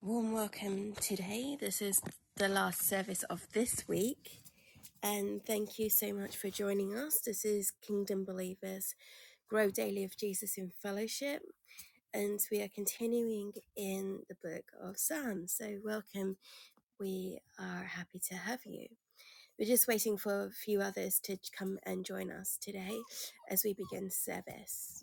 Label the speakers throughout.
Speaker 1: Warm welcome today. This is the last service of this week. And thank you so much for joining us. This is Kingdom Believers Grow Daily of Jesus in Fellowship. And we are continuing in the book of Psalms. So, welcome. We are happy to have you. We're just waiting for a few others to come and join us today as we begin service.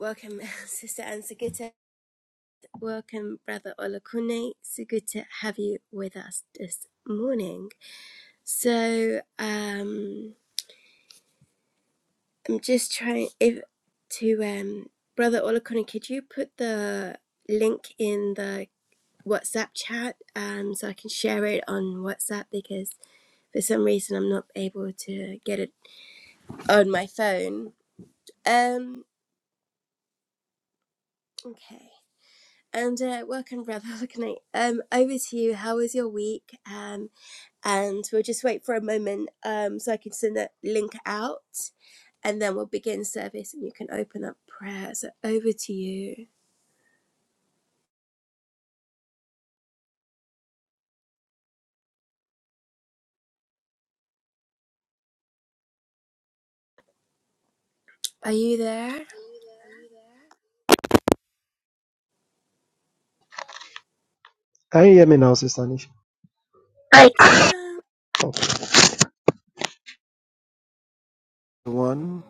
Speaker 1: Welcome, Sister Ansa Welcome, Brother Olakune. So good to have you with us this morning. So um, I'm just trying if to um, Brother Olakune, could you put the link in the WhatsApp chat um, so I can share it on WhatsApp because for some reason I'm not able to get it on my phone. Um, okay. And uh, welcome, Brother Olakune. Um, over to you. How was your week? Um, and we'll just wait for a moment um, so I can send that link out and then we'll begin service and you can open up prayer. So over to you. Are you there?
Speaker 2: Can you hear me now, Sister Nisha?
Speaker 1: I can.
Speaker 2: Okay. One,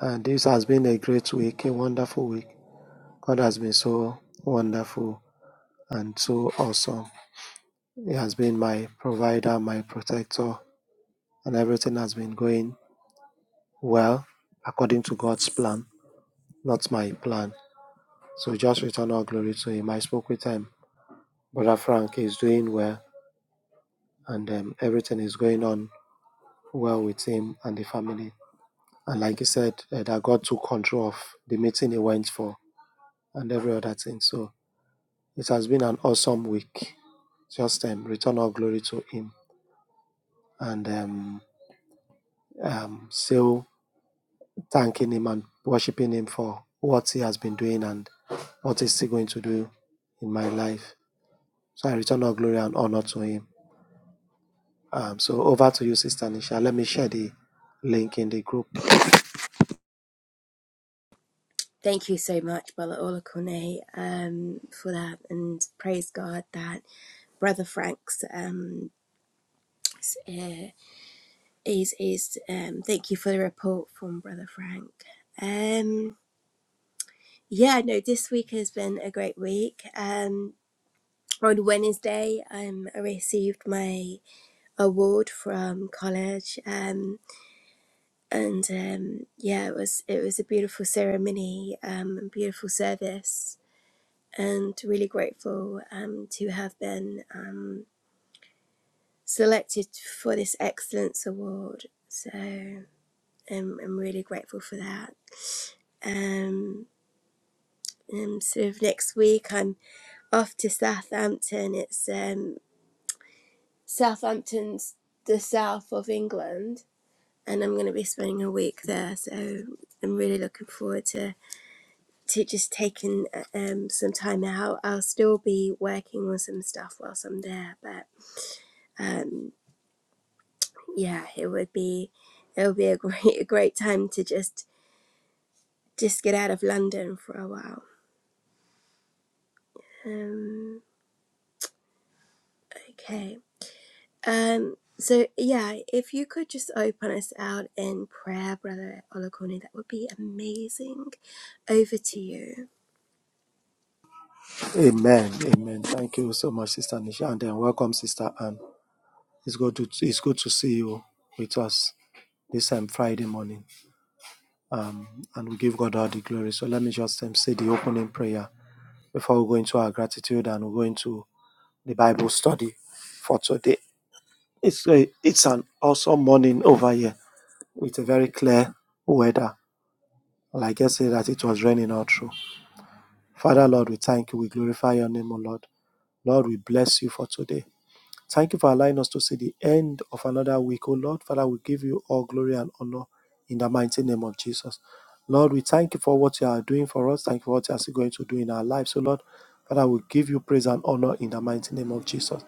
Speaker 2: and this has been a great week, a wonderful week. God has been so wonderful and so awesome. He has been my provider, my protector, and everything has been going well according to God's plan, not my plan. So just return all glory to Him. I spoke with Him. Brother Frank is doing well, and um, everything is going on well with him and the family. And like he said, uh, that God took control of the meeting he went for and every other thing. So it has been an awesome week. Just um, return all glory to Him and um, um, still thanking Him and worshiping Him for what He has been doing and what He's still going to do in my life. So I return all glory and honor to Him. Um, so over to you, Sister Nisha. Let me share the link in the group.
Speaker 1: Thank you so much, Brother Olakone, um, for that, and praise God that Brother Frank's um, s- uh, is is. Um, thank you for the report from Brother Frank. Um, yeah, no, this week has been a great week. Um, on Wednesday, um, I received my award from college, um, and um, yeah, it was it was a beautiful ceremony, um, and beautiful service, and really grateful um, to have been um, selected for this excellence award. So I'm I'm really grateful for that. Um, and sort of next week, I'm off to Southampton. It's um, Southampton's the south of England and I'm going to be spending a week there. So I'm really looking forward to to just taking uh, um, some time out. I'll still be working on some stuff whilst I'm there, but um, yeah, it would be it would be a great a great time to just just get out of London for a while. Um, okay. Um, so yeah, if you could just open us out in prayer, Brother Olakoni, that would be amazing. Over to you.
Speaker 2: Amen. Amen. Thank you so much, Sister Nisha. And then welcome, Sister Anne. It's good to, it's good to see you with us this um, Friday morning. um, and we give God all the glory. So let me just um, say the opening prayer before we go into our gratitude and we go into the Bible study for today. It's a, it's an awesome morning over here with a very clear weather. Like I said, that it was raining all through. Father, Lord, we thank you. We glorify your name, O Lord. Lord, we bless you for today. Thank you for allowing us to see the end of another week. Oh Lord, Father, we give you all glory and honor in the mighty name of Jesus. Lord, we thank you for what you are doing for us. Thank you for what you are still going to do in our lives. So, Lord, Father, we give you praise and honor in the mighty name of Jesus.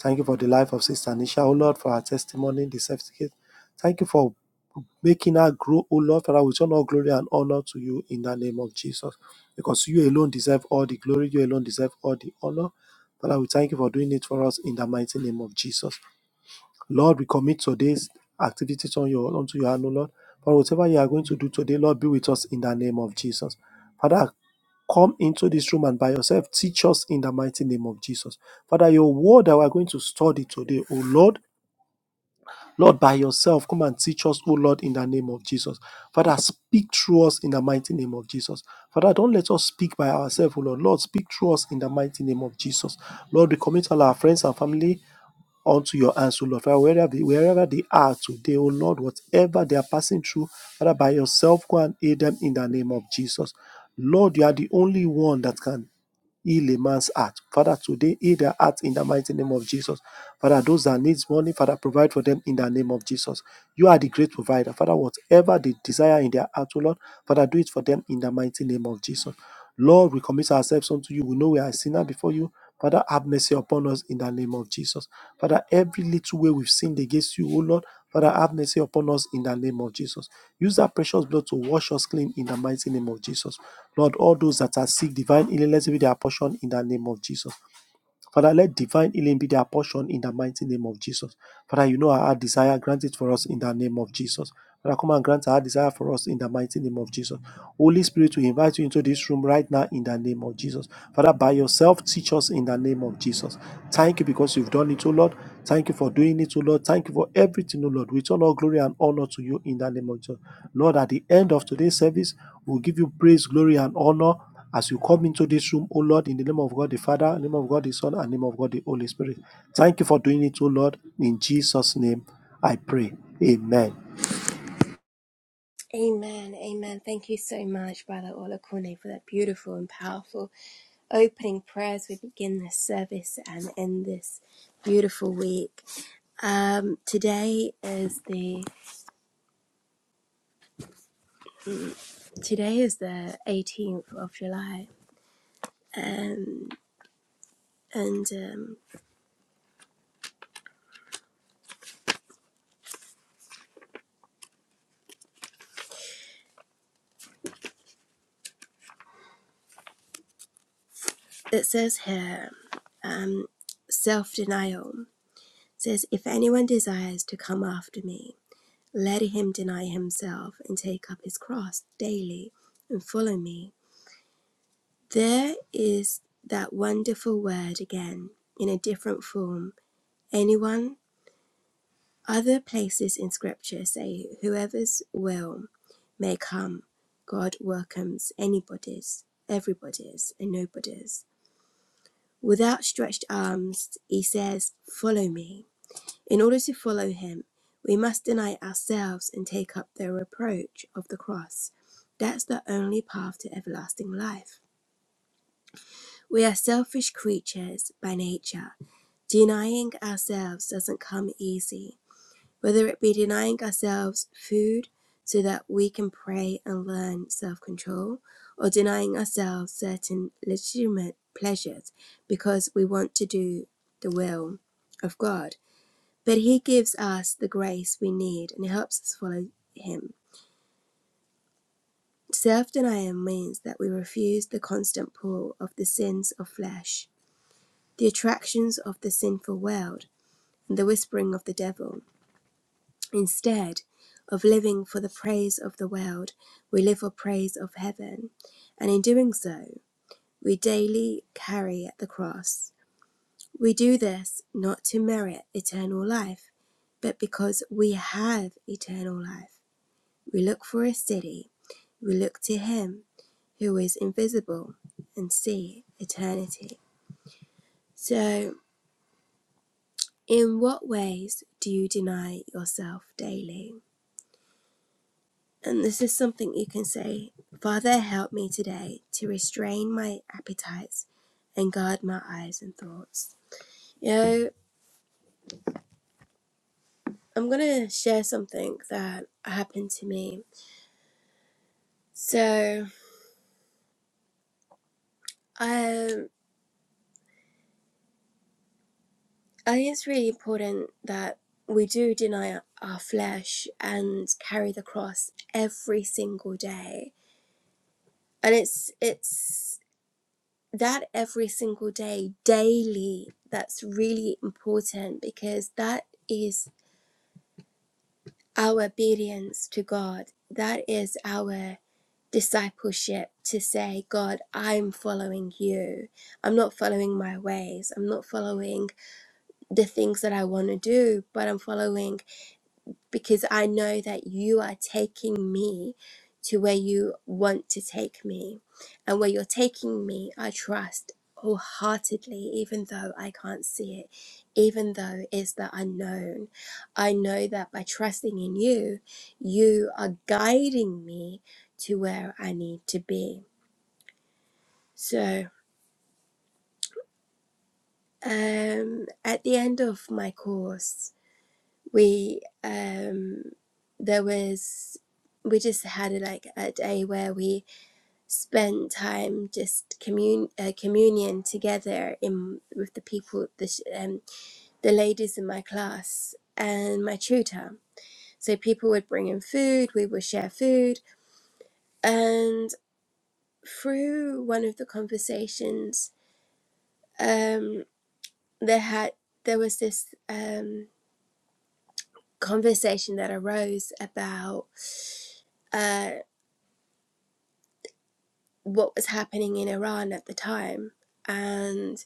Speaker 2: Thank you for the life of Sister Nisha. Oh Lord, for her testimony, the certificate. Thank you for making her grow, O Lord, Father, we turn all glory and honor to you in the name of Jesus. Because you alone deserve all the glory, you alone deserve all the honor. Father, we thank you for doing it for us in the mighty name of Jesus. Lord, we commit today's activities on your onto your hand, O Lord. For whatever you are going to do today, Lord, be with us in the name of Jesus. Father, come into this room and by yourself teach us in the mighty name of Jesus. Father, your word that we are going to study today, O Lord. Lord, by yourself, come and teach us, O Lord, in the name of Jesus. Father, speak through us in the mighty name of Jesus. Father, don't let us speak by ourselves, O Lord. Lord, speak through us in the mighty name of Jesus. Lord, we commit all our friends and family unto your hands, O Lord. Father, wherever they, wherever they are today, O Lord, whatever they are passing through, Father, by yourself, go and aid them in the name of Jesus. Lord, you are the only one that can Heal a man's heart. Father, today heal their heart in the mighty name of Jesus. Father, those that needs money, Father, provide for them in the name of Jesus. You are the great provider. Father, whatever they desire in their heart, O Lord, Father, do it for them in the mighty name of Jesus. Lord, we commit ourselves unto you. We know we are a sinner before you. Father, have mercy upon us in the name of Jesus. Father, every little way we've sinned against you, O Lord, Father, have mercy upon us in the name of Jesus. Use that precious blood to wash us clean in the mighty name of Jesus. Lord, all those that are sick, divine healing, let it be their portion in the name of Jesus. Father, let divine healing be their portion in the mighty name of Jesus. Father, you know our desire, grant it for us in the name of Jesus. Father, come and grant our desire for us in the mighty name of Jesus. Holy Spirit, we invite you into this room right now in the name of Jesus. Father, by yourself, teach us in the name of Jesus. Thank you because you've done it, O Lord. Thank you for doing it, O Lord. Thank you for everything, O Lord. We turn all glory and honor to you in the name of Jesus. Lord, at the end of today's service, we'll give you praise, glory, and honor as you come into this room, O Lord, in the name of God the Father, in the name of God the Son, and in the name of God the Holy Spirit. Thank you for doing it, O Lord. In Jesus' name, I pray. Amen.
Speaker 1: Amen, amen. Thank you so much, Brother Olakune, for that beautiful and powerful opening prayer as we begin this service and end this beautiful week. Um, today is the today is the 18th of July, um, and um, it says here, um, self denial says, if anyone desires to come after me, let him deny himself and take up his cross daily and follow me. There is that wonderful word again in a different form. Anyone, other places in scripture say, whoever's will may come. God welcomes anybody's, everybody's, and nobody's. With outstretched arms, he says, Follow me. In order to follow him, we must deny ourselves and take up the reproach of the cross. That's the only path to everlasting life. We are selfish creatures by nature. Denying ourselves doesn't come easy, whether it be denying ourselves food so that we can pray and learn self control, or denying ourselves certain legitimate pleasures because we want to do the will of God. But He gives us the grace we need and helps us follow Him. Self denial means that we refuse the constant pull of the sins of flesh the attractions of the sinful world, and the whispering of the devil. Instead of living for the praise of the world, we live for praise of heaven. And in doing so, we daily carry at the cross. We do this not to merit eternal life, but because we have eternal life. We look for a city, we look to Him who is invisible and see eternity. So, In what ways do you deny yourself daily? And this is something you can say Father, help me today to restrain my appetites and guard my eyes and thoughts. You know, I'm going to share something that happened to me. So, um, I think it's really important that we do deny our flesh and carry the cross every single day. And it's it's that every single day, daily, that's really important because that is our obedience to God. That is our discipleship to say, God, I'm following you. I'm not following my ways. I'm not following the things that I want to do, but I'm following because I know that you are taking me to where you want to take me. And where you're taking me, I trust wholeheartedly, even though I can't see it, even though it's the unknown. I know that by trusting in you, you are guiding me to where I need to be. So, um, at the end of my course, we um there was we just had a, like a day where we spent time just commun- uh, communion together in with the people the sh- um, the ladies in my class and my tutor so people would bring in food we would share food and through one of the conversations um there had there was this um conversation that arose about uh, what was happening in Iran at the time and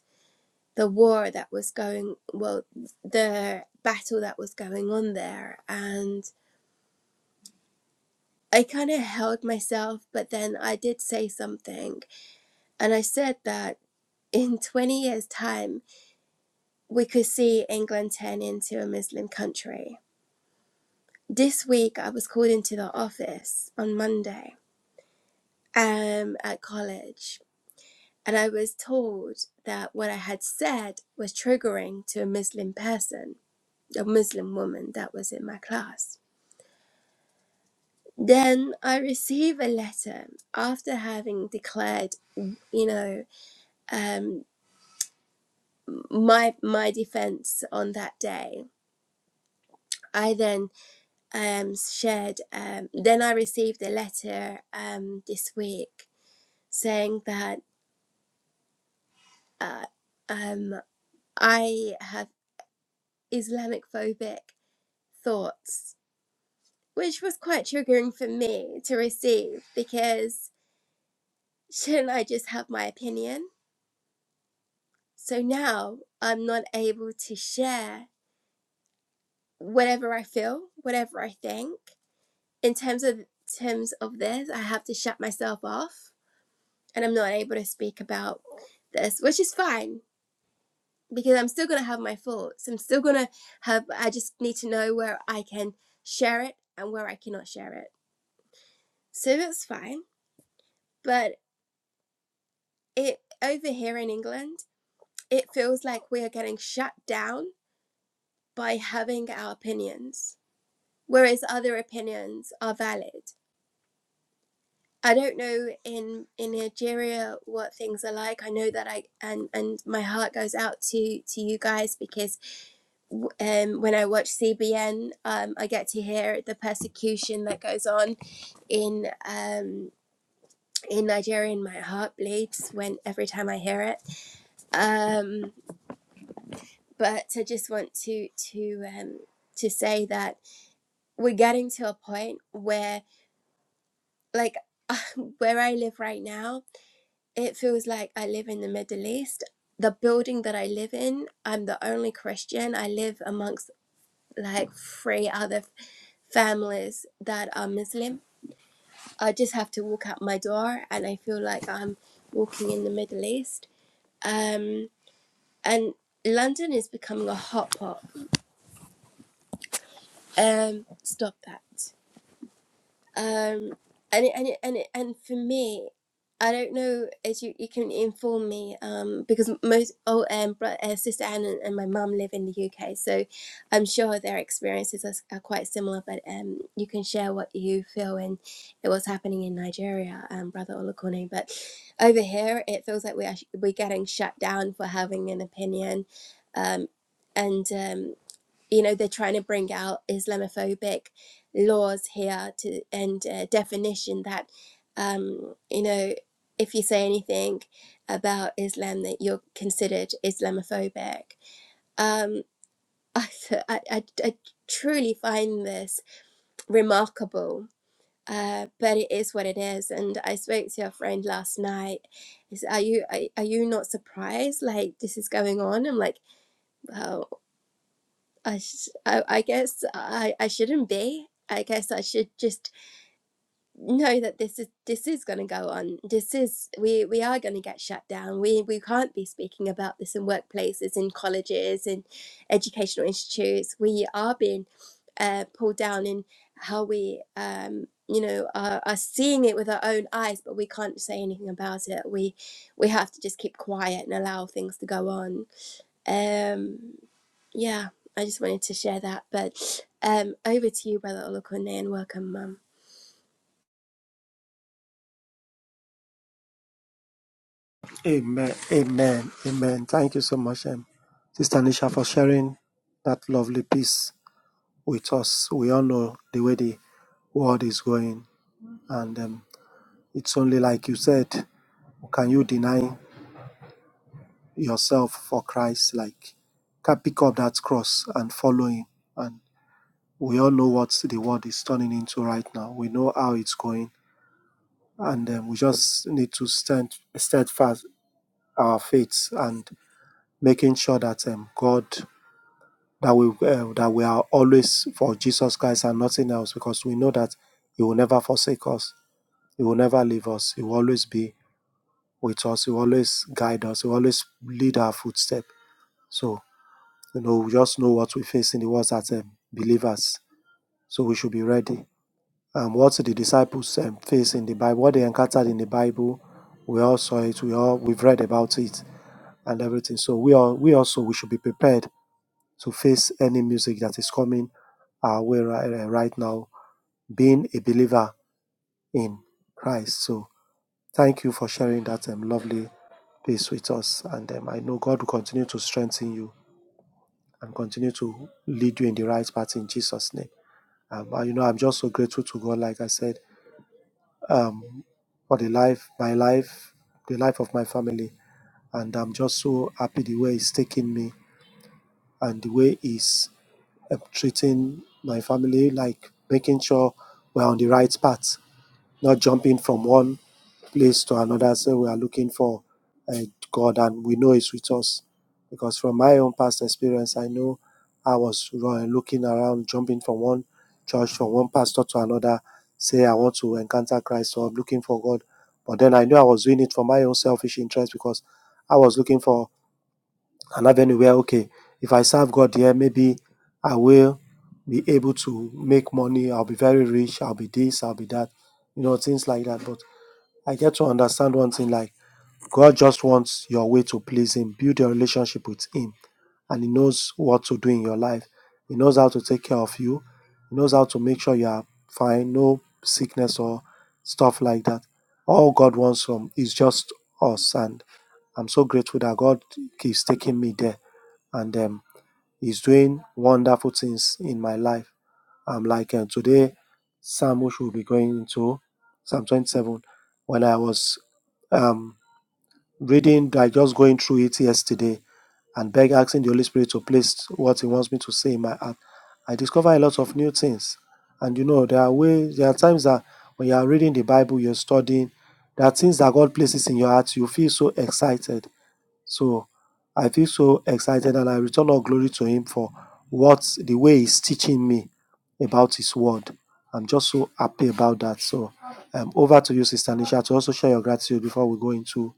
Speaker 1: the war that was going well the battle that was going on there and I kind of held myself but then I did say something and I said that in 20 years time we could see England turn into a Muslim country. This week I was called into the office on Monday um at college And I was told that what I had said was triggering to a Muslim person, a Muslim woman that was in my class. Then I receive a letter after having declared, you know, um, my my defense on that day. I then um, shared. Um, then I received a letter um, this week saying that uh, um, I have Islamic phobic thoughts which was quite triggering for me to receive because shouldn't I just have my opinion? So now I'm not able to share whatever I feel, whatever I think. In terms of terms of this, I have to shut myself off and I'm not able to speak about this, which is fine because I'm still gonna have my thoughts. I'm still gonna have I just need to know where I can share it and where I cannot share it. So that's fine. But it over here in England it feels like we are getting shut down by having our opinions, whereas other opinions are valid. I don't know in in Nigeria what things are like. I know that I and and my heart goes out to to you guys because um, when I watch CBN, um, I get to hear the persecution that goes on in um, in Nigeria, and my heart bleeds when every time I hear it. Um, but I just want to to um, to say that we're getting to a point where like where i live right now it feels like i live in the middle east the building that i live in i'm the only christian i live amongst like three other f- families that are muslim i just have to walk out my door and i feel like i'm walking in the middle east um and london is becoming a hot pot um stop that um and it, and it, and it, and for me i don't know as you, you can inform me um because most oh um bro, uh, sister anne and, and my mum live in the uk so i'm sure their experiences are, s- are quite similar but um you can share what you feel and what's happening in nigeria um brother olakone but over here it feels like we're we're getting shut down for having an opinion um and um you know they're trying to bring out islamophobic laws here to and uh, definition that um you know if you say anything about islam that you're considered islamophobic um i i, I, truly find this remarkable uh, but it is what it is, and I spoke to your friend last night. Is are you are, are you not surprised? Like this is going on. I'm like, well. I, sh- I, I guess I, I shouldn't be. I guess I should just know that this is this is going to go on. This is we we are going to get shut down. We we can't be speaking about this in workplaces, in colleges, in educational institutes. We are being uh, pulled down in how we um, you know are, are seeing it with our own eyes, but we can't say anything about it. We we have to just keep quiet and allow things to go on. Um, yeah, I just wanted to share that. But um, over to you, Brother Olokone, and welcome, Mum.
Speaker 2: Amen. Amen. Amen. Thank you so much, um, Sister Nisha, for sharing that lovely piece with us. We all know the way the world is going, and um, it's only like you said, can you deny yourself for Christ? Like, can pick up that cross and follow Him, and we all know what the world is turning into right now. We know how it's going, and um, we just need to stand steadfast our faith and making sure that um, God that we uh, that we are always for Jesus Christ and nothing else, because we know that He will never forsake us. He will never leave us. He will always be with us. He will always guide us. He will always lead our footstep. So you know, we just know what we face in the world as um, believers. So we should be ready um, what the disciples um, faced in the Bible, what they encountered in the Bible. We all saw it. We all we've read about it and everything. So we all we also we should be prepared to face any music that is coming our way right, right now. Being a believer in Christ. So thank you for sharing that um, lovely piece with us. And um, I know God will continue to strengthen you and continue to lead you in the right path in Jesus' name. Um, and you know, I'm just so grateful to God, like I said, um, for the life, my life, the life of my family. And I'm just so happy the way He's taking me and the way He's um, treating my family, like making sure we're on the right path not jumping from one place to another. So we are looking for uh, God, and we know He's with us. Because from my own past experience, I know I was looking around, jumping from one church, from one pastor to another, say I want to encounter Christ, or I'm looking for God. But then I knew I was doing it for my own selfish interest because I was looking for an avenue where okay if i serve god here maybe i will be able to make money i'll be very rich i'll be this i'll be that you know things like that but i get to understand one thing like god just wants your way to please him build your relationship with him and he knows what to do in your life he knows how to take care of you he knows how to make sure you are fine no sickness or stuff like that all god wants from is just us and i'm so grateful that god keeps taking me there and um, He's doing wonderful things in my life. I'm like, uh, today, Samush will be going into Psalm 27. When I was um, reading, I just going through it yesterday and beg, asking the Holy Spirit to place what He wants me to say in my heart. I discover a lot of new things. And you know, there are ways, there are times that when you are reading the Bible, you're studying, there are things that God places in your heart, you feel so excited so I feel so excited and I return all glory to Him for what the way He's teaching me about His word. I'm just so happy about that. So um, over to you, Sister Nisha, to also share your gratitude before we go into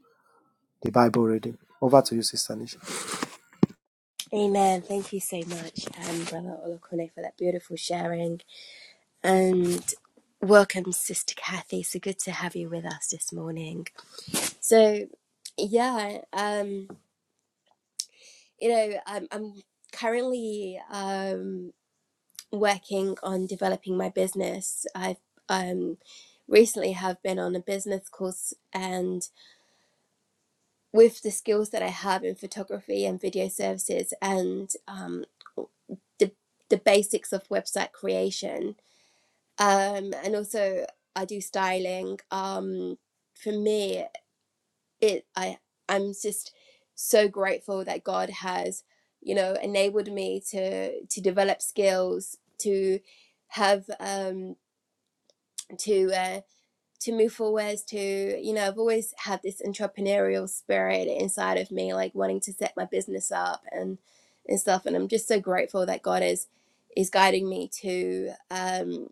Speaker 2: the Bible reading. Over to you, Sister Nisha.
Speaker 1: Amen. Thank you so much, um, Brother Olokone, for that beautiful sharing. And welcome, Sister Kathy. So good to have you with us this morning. So, yeah, um, you know, I'm, I'm currently um, working on developing my business. I've um, recently have been on a business course and with the skills that I have in photography and video services and um, the, the basics of website creation. Um, and also, I do styling. Um, for me, it I I'm just so grateful that God has you know enabled me to to develop skills to have um, to uh, to move forward to you know i've always had this entrepreneurial spirit inside of me like wanting to set my business up and and stuff and i'm just so grateful that god is is guiding me to um,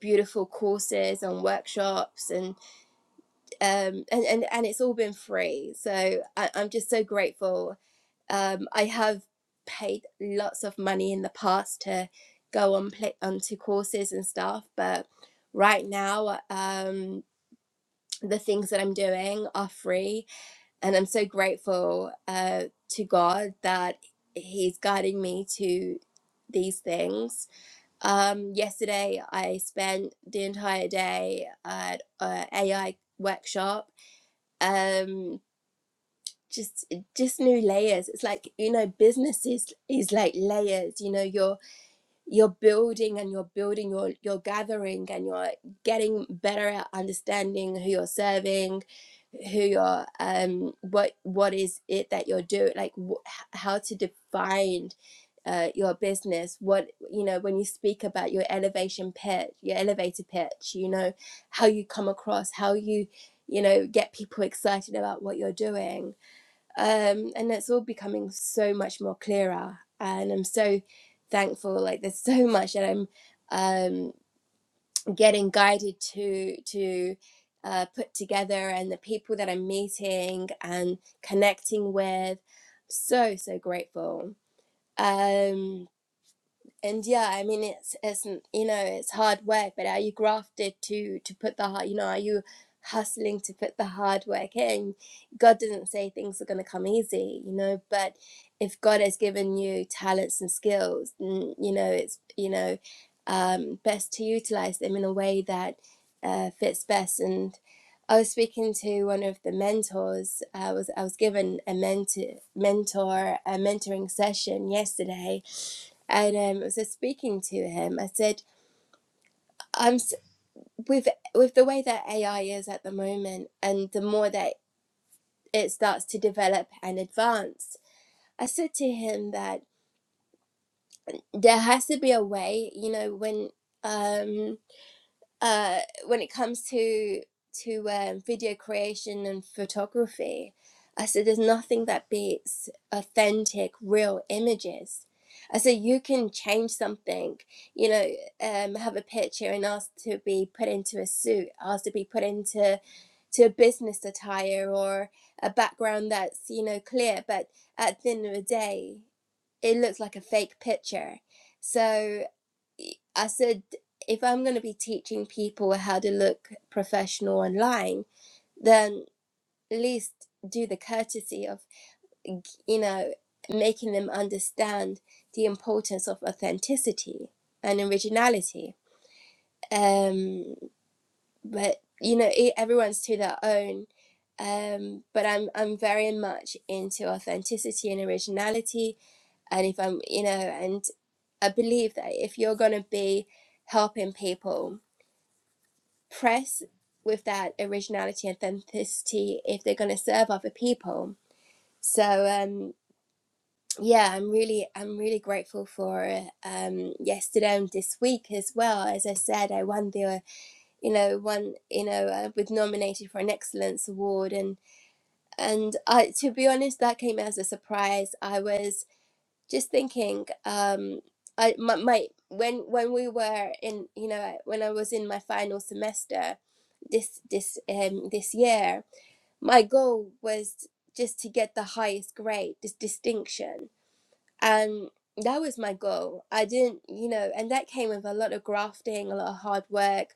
Speaker 1: beautiful courses and workshops and um and and, and it's all been free so I, i'm just so grateful um i have paid lots of money in the past to go on play onto courses and stuff but right now um the things that I'm doing are free. And I'm so grateful uh, to God that He's guiding me to these things. Um, yesterday, I spent the entire day at an a AI workshop. Um, just just new layers it's like you know business is is like layers you know your you're building and you're building your your gathering and you're getting better at understanding who you're serving who you're um what what is it that you're doing like wh- how to define uh, your business what you know when you speak about your elevation pitch your elevator pitch you know how you come across how you you know get people excited about what you're doing um, and it's all becoming so much more clearer and i'm so thankful like there's so much that i'm um, getting guided to to uh, put together and the people that i'm meeting and connecting with so so grateful um and yeah i mean it's it's you know it's hard work but are you grafted to to put the hard you know are you hustling to put the hard work in god doesn't say things are going to come easy you know but if god has given you talents and skills n- you know it's you know um best to utilize them in a way that uh, fits best and i was speaking to one of the mentors i was i was given a mentor mentor a mentoring session yesterday and um, so speaking to him, I said, "I'm with with the way that AI is at the moment, and the more that it starts to develop and advance." I said to him that there has to be a way, you know, when um, uh, when it comes to to um, video creation and photography, I said there's nothing that beats authentic, real images. I said you can change something, you know, um, have a picture and ask to be put into a suit, ask to be put into to a business attire or a background that's you know clear, but at the end of the day, it looks like a fake picture. So I said, if I'm going to be teaching people how to look professional online, then at least do the courtesy of, you know, making them understand the importance of authenticity and originality. Um, but you know, e everyone's to their own. Um, but I'm I'm very much into authenticity and originality. And if I'm, you know, and I believe that if you're going to be helping people press with that originality and authenticity if they're going to serve other people. So um, yeah, I'm really I'm really grateful for uh, um, yesterday and this week as well. As I said, I won the uh, you know one you know uh, was nominated for an excellence award and and I to be honest that came as a surprise. I was just thinking um, I my, my when when we were in you know when I was in my final semester this this um this year my goal was just to get the highest grade this distinction and that was my goal i didn't you know and that came with a lot of grafting a lot of hard work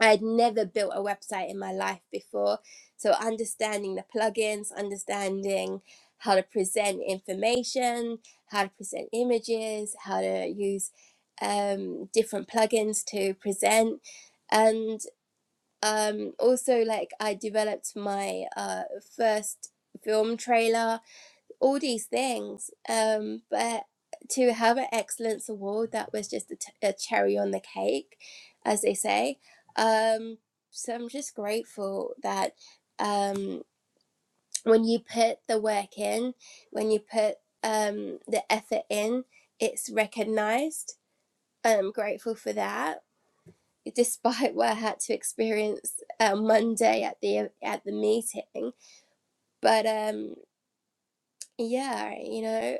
Speaker 1: i had never built a website in my life before so understanding the plugins understanding how to present information how to present images how to use um, different plugins to present and um also like i developed my uh first film trailer all these things um but to have an excellence award that was just a, t- a cherry on the cake as they say um so i'm just grateful that um when you put the work in when you put um the effort in it's recognized i'm grateful for that despite what I had to experience on uh, Monday at the at the meeting. But um, yeah, you know,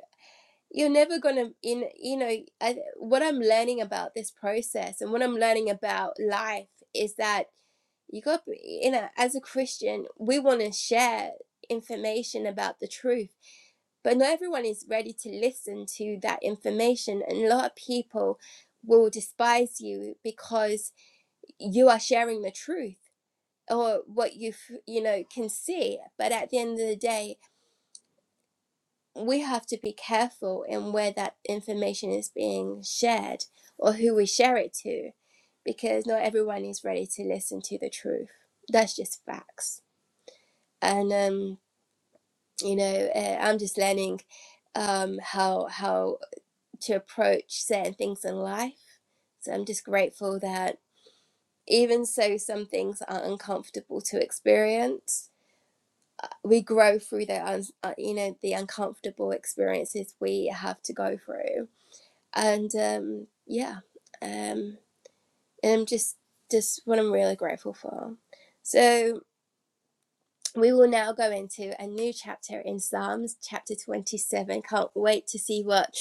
Speaker 1: you're never gonna in you know I, what I'm learning about this process and what I'm learning about life is that you got you know as a Christian we want to share information about the truth but not everyone is ready to listen to that information and a lot of people will despise you because you are sharing the truth or what you you know can see but at the end of the day we have to be careful in where that information is being shared or who we share it to because not everyone is ready to listen to the truth that's just facts and um you know uh, i'm just learning um how how to approach certain things in life so i'm just grateful that even so some things are uncomfortable to experience we grow through the un- uh, you know the uncomfortable experiences we have to go through and um yeah um and i'm just just what i'm really grateful for so we will now go into a new chapter in psalms chapter 27 can't wait to see what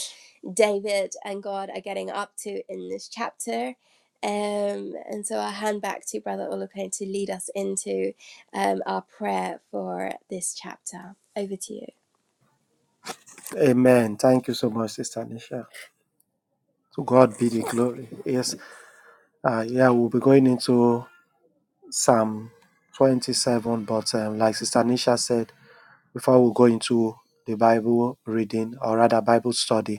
Speaker 1: david and god are getting up to in this chapter um, and so I'll hand back to Brother Olupane to lead us into um, our prayer for this chapter. Over to you.
Speaker 2: Amen. Thank you so much, Sister Nisha. To God be the glory. Yes. Uh, yeah, we'll be going into Psalm 27, but um, like Sister Nisha said, before we go into the Bible reading or rather Bible study,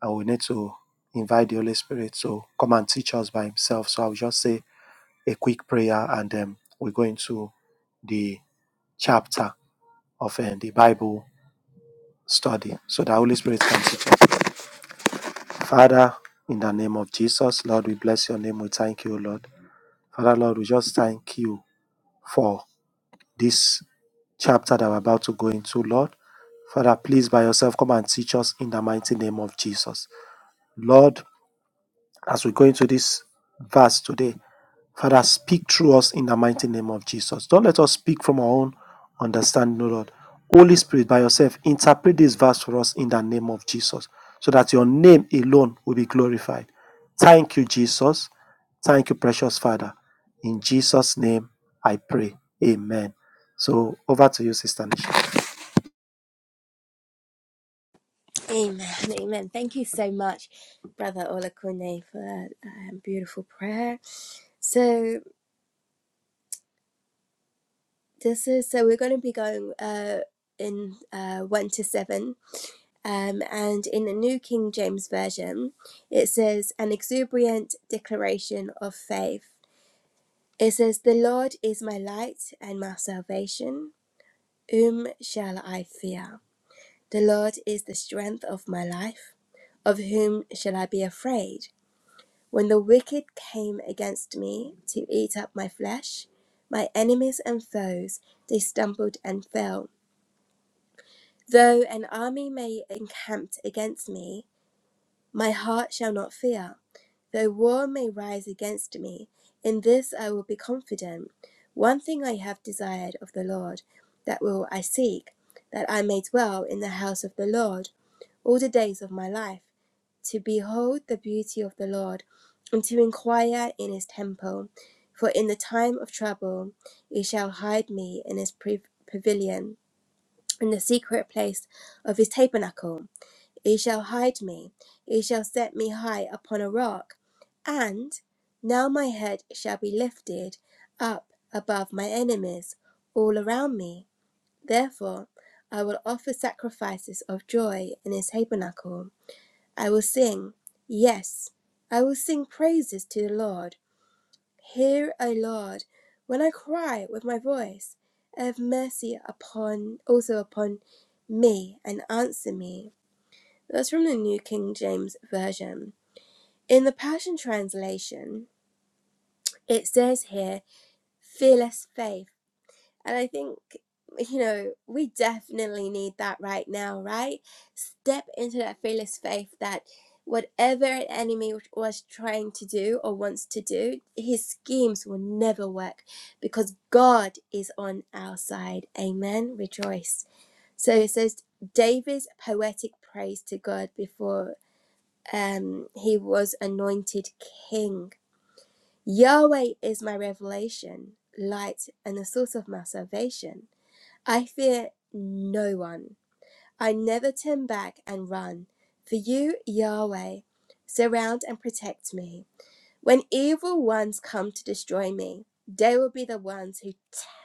Speaker 2: and we need to invite the Holy Spirit to come and teach us by Himself. So I'll just say a quick prayer and then um, we go into the chapter of uh, the Bible study so the Holy Spirit can teach us. Father, in the name of Jesus, Lord, we bless your name. We thank you, Lord. Father, Lord, we just thank you for this chapter that we're about to go into, Lord. Father, please by yourself come and teach us in the mighty name of Jesus. Lord, As we go into this verse today, Father, speak through us in the mighty name of Jesus. Don't let us speak from our own understanding, O Lord. Holy Spirit, by yourself, interpret this verse for us in the name of Jesus, so that your name alone will be glorified. Thank you, Jesus. Thank you, precious Father. In Jesus' name, I pray. Amen. So over to you, Sister Nisha.
Speaker 1: Amen. Amen. Thank you so much, Brother Olakune, for that um, beautiful prayer. So this is so we're going to be going uh, in uh, one to seven, um, and in the New King James Version, it says an exuberant declaration of faith. It says, "The Lord is my light and my salvation; whom shall I fear? The Lord is the strength of my life; of whom shall I be afraid?" When the wicked came against me to eat up my flesh, my enemies and foes, they stumbled and fell. Though an army may encamp against me, my heart shall not fear. Though war may rise against me, in this I will be confident. One thing I have desired of the Lord, that will I seek, that I may dwell in the house of the Lord all the days of my life, to behold the beauty of the Lord, and to inquire in his temple. For in the time of trouble, he shall hide me in his pre- pavilion, in the secret place of his tabernacle. He shall hide me, he shall set me high upon a rock, and now my head shall be lifted up above my enemies all around me. Therefore, I will offer sacrifices of joy in his tabernacle. I will sing, yes, I will sing praises to the Lord. Hear, O Lord, when I cry with my voice, have mercy upon also upon me and answer me. That's from the New King James Version. In the Passion Translation, it says here, fearless faith. And I think, you know, we definitely need that right now, right? Step into that fearless faith that whatever an enemy was trying to do or wants to do, his schemes will never work because God is on our side. Amen. Rejoice. So it says David's poetic praise to God before um, he was anointed king. Yahweh is my revelation, light, and the source of my salvation. I fear no one. I never turn back and run. For you, Yahweh, surround and protect me. When evil ones come to destroy me, they will be the ones who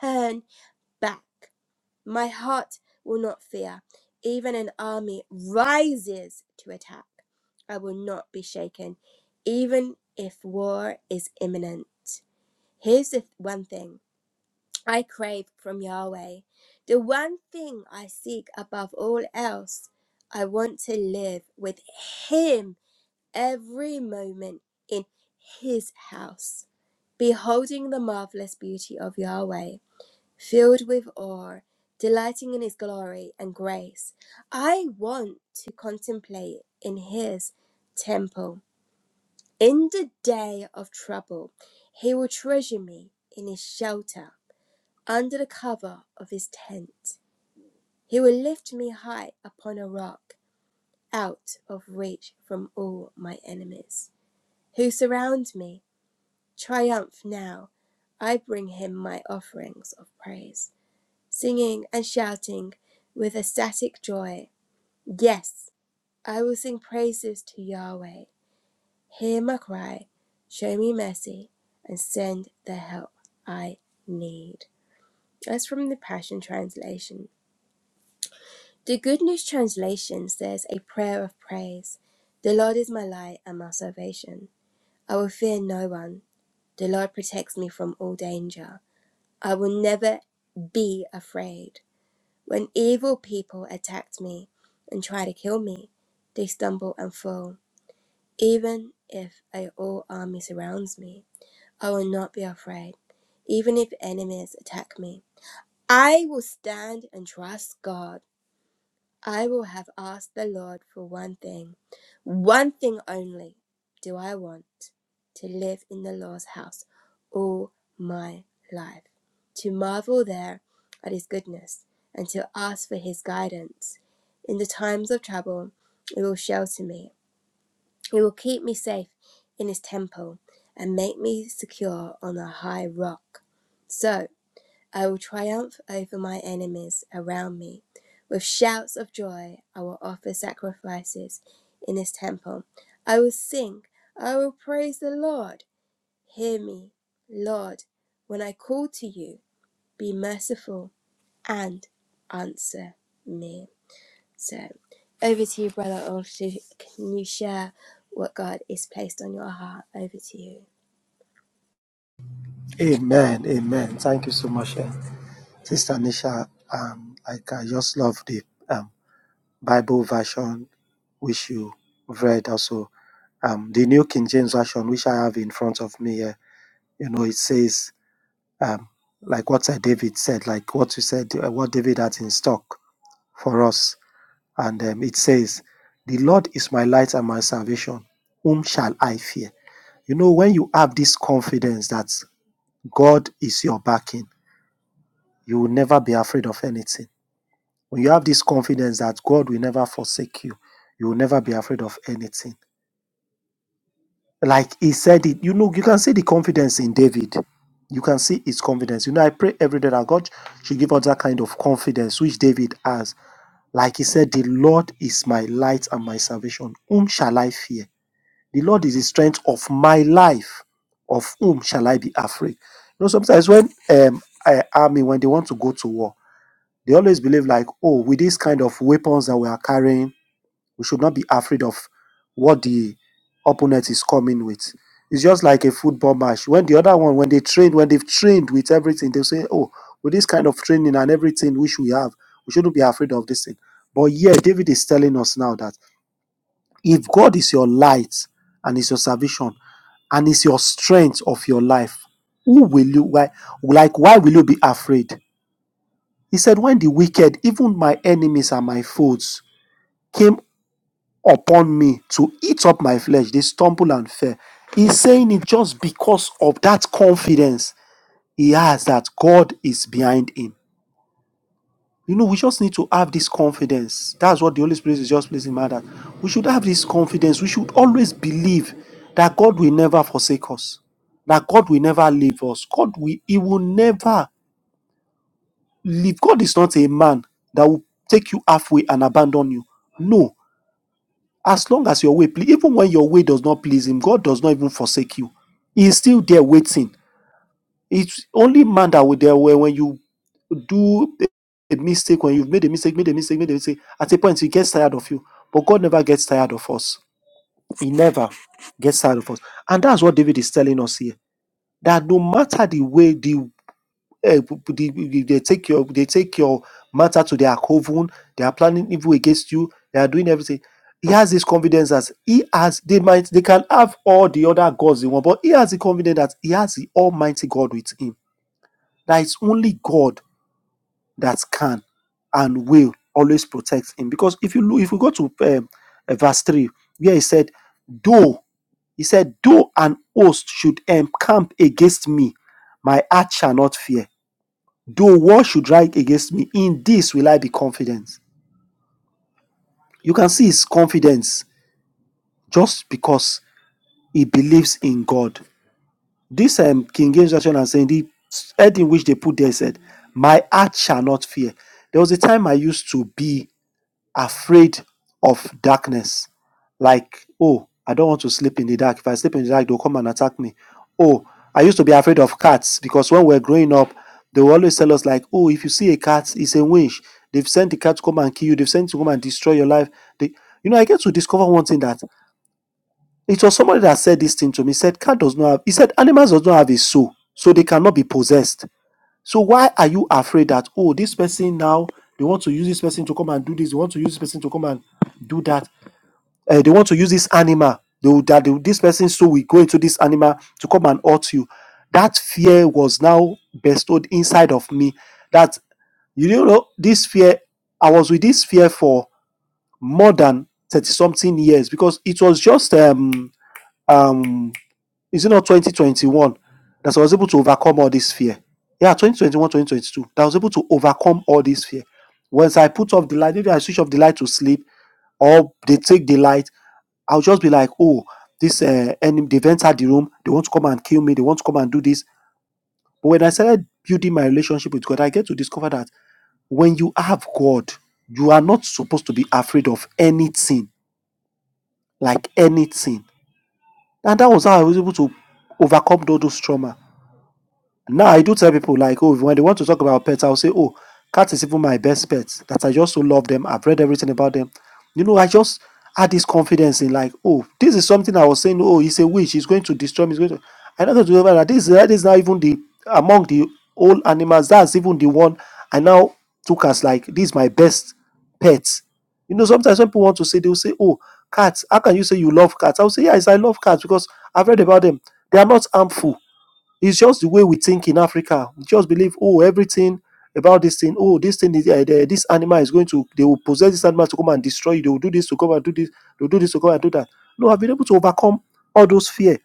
Speaker 1: turn back. My heart will not fear. Even an army rises to attack. I will not be shaken, even if war is imminent. Here's the th- one thing I crave from Yahweh. The one thing I seek above all else, I want to live with Him every moment in His house, beholding the marvelous beauty of Yahweh, filled with awe, delighting in His glory and grace. I want to contemplate in His temple. In the day of trouble, He will treasure me in His shelter. Under the cover of his tent, he will lift me high upon a rock, out of reach from all my enemies who surround me. Triumph now! I bring him my offerings of praise, singing and shouting with ecstatic joy. Yes, I will sing praises to Yahweh. Hear my cry, show me mercy, and send the help I need. That's from the Passion Translation. The Good News Translation says a prayer of praise. The Lord is my light and my salvation. I will fear no one. The Lord protects me from all danger. I will never be afraid. When evil people attack me and try to kill me, they stumble and fall. Even if a whole army surrounds me, I will not be afraid. Even if enemies attack me, I will stand and trust God. I will have asked the Lord for one thing, one thing only do I want to live in the Lord's house all my life, to marvel there at his goodness, and to ask for his guidance. In the times of trouble, it will shelter me, it will keep me safe in his temple, and make me secure on a high rock. So, I will triumph over my enemies around me. With shouts of joy, I will offer sacrifices in his temple. I will sing, I will praise the Lord. Hear me, Lord, when I call to you, be merciful and answer me. So, over to you, brother. Olshu. Can you share what God is placed on your heart? Over to you.
Speaker 2: Amen. Amen. Thank you so much, eh, Sister Nisha. Um, like I just love the um, Bible version, which you read also. Um, the New King James version, which I have in front of me here, you know, it says um, like what Sir David said, like what you said, uh, what David had in stock for us, and um, it says, "The Lord is my light and my salvation; whom shall I fear?" You know, when you have this confidence that God is your backing, you will never be afraid of anything. When you have this confidence that God will never forsake you, you will never be afraid of anything. Like he said it, you know, you can see the confidence in David. You can see his confidence. You know, I pray every day that God should give us that kind of confidence which David has. Like he said, the Lord is my light and my salvation. Whom shall I fear? The Lord is the strength of my life. Of whom shall I be afraid? You know, sometimes when um I, army when they want to go to war, they always believe like, oh, with these kind of weapons that we are carrying, we should not be afraid of what the opponent is coming with. It's just like a football match. When the other one, when they train, when they've trained with everything, they'll say, Oh, with this kind of training and everything which we have, we shouldn't be afraid of this thing. But yeah, David is telling us now that if God is your light and is your salvation and is your strength of your life, who will you why like why will you be afraid? He said, When the wicked, even my enemies and my foes, came upon me to eat up my flesh. They stumble and fell. He's saying it just because of that confidence he has that God is behind him. You know, we just need to have this confidence. That's what the Holy Spirit is just placing in my heart. We should have this confidence. We should always believe that God will never forsake us, that God will never leave us. God will, He will never leave. God is not a man that will take you halfway and abandon you. No, as long as your way ple- even when your way does not please him god does not even forsake you he is still there waiting it's only man that will there where when you do a mistake when you've made a mistake made a mistake made a mistake at a point he gets tired of you but god never gets tired of us he never gets tired of us and that's what david is telling us here that no matter the way the eh, they, they take your they take your matter to their coven. They are planning evil against you. They are doing everything. He has this confidence as he has. They might they can have all the other gods they want, but he has the confidence that he has the Almighty God with him. That is only God that can and will always protect him. Because if you look, if we go to um, uh, verse three, where he said, "Though he said, though an host should encamp against me, my heart shall not fear." Though war should rise against me, in this will I be confident. You can see his confidence just because he believes in God. This um, King James version and saying the head in which they put there said, "My heart shall not fear." There was a time I used to be afraid of darkness. Like, oh, I don't want to sleep in the dark. If I sleep in the dark, they'll come and attack me. Oh, I used to be afraid of cats because when we were growing up, they will always tell us, like, oh, if you see a cat, it's a winch. They've sent the cat to come and kill you, they've sent it to come and destroy your life. They, you know, I get to discover one thing that it was somebody that said this thing to me. He Said cat does not have he said animals does not have a soul, so they cannot be possessed. So why are you afraid that oh this person now they want to use this person to come and do this, they want to use this person to come and do that, uh, they want to use this animal, they will, that they, will- this person so we go into this animal to come and hurt you. That fear was now bestowed inside of me. That you don't know this fear, I was with this fear for more than thirty something years because it was just um um is it not 2021 that I was able to overcome all this fear? Yeah, 2021, 2022, that I was able to overcome all this fear. Once I put off the light, maybe I switch off the light to sleep, or they take the light, I'll just be like, oh, this uh, enemy, they've entered the room, they want to come and kill me, they want to come and do this. But when I started building my relationship with God, I get to discover that when you have God, you are not supposed to be afraid of anything, like anything. And that was how I was able to overcome all those trauma. now i do tell people like oh when they want to talk about pets i'll say oh cat is even my best pet that i just so love them i've read everything about them you know i just had this confidence in like oh this is something i was saying oh he's a witch he's going to destroy me he's going to i'm not going to do that this that is not even the among the all animals that's even the one i now took as like this is my best pet you know sometimes when people want to say they'll say oh cats how can you say you love cats i'll say yes i love cats because i've read about them they are not harmful it's just the way we think in Africa. We just believe, oh, everything about this thing, oh, this thing is uh, the- this animal is going to they will possess this animal to come and destroy you. They will do this to come and do this. They'll do this to come and do that. No, I've been able to overcome all those fear,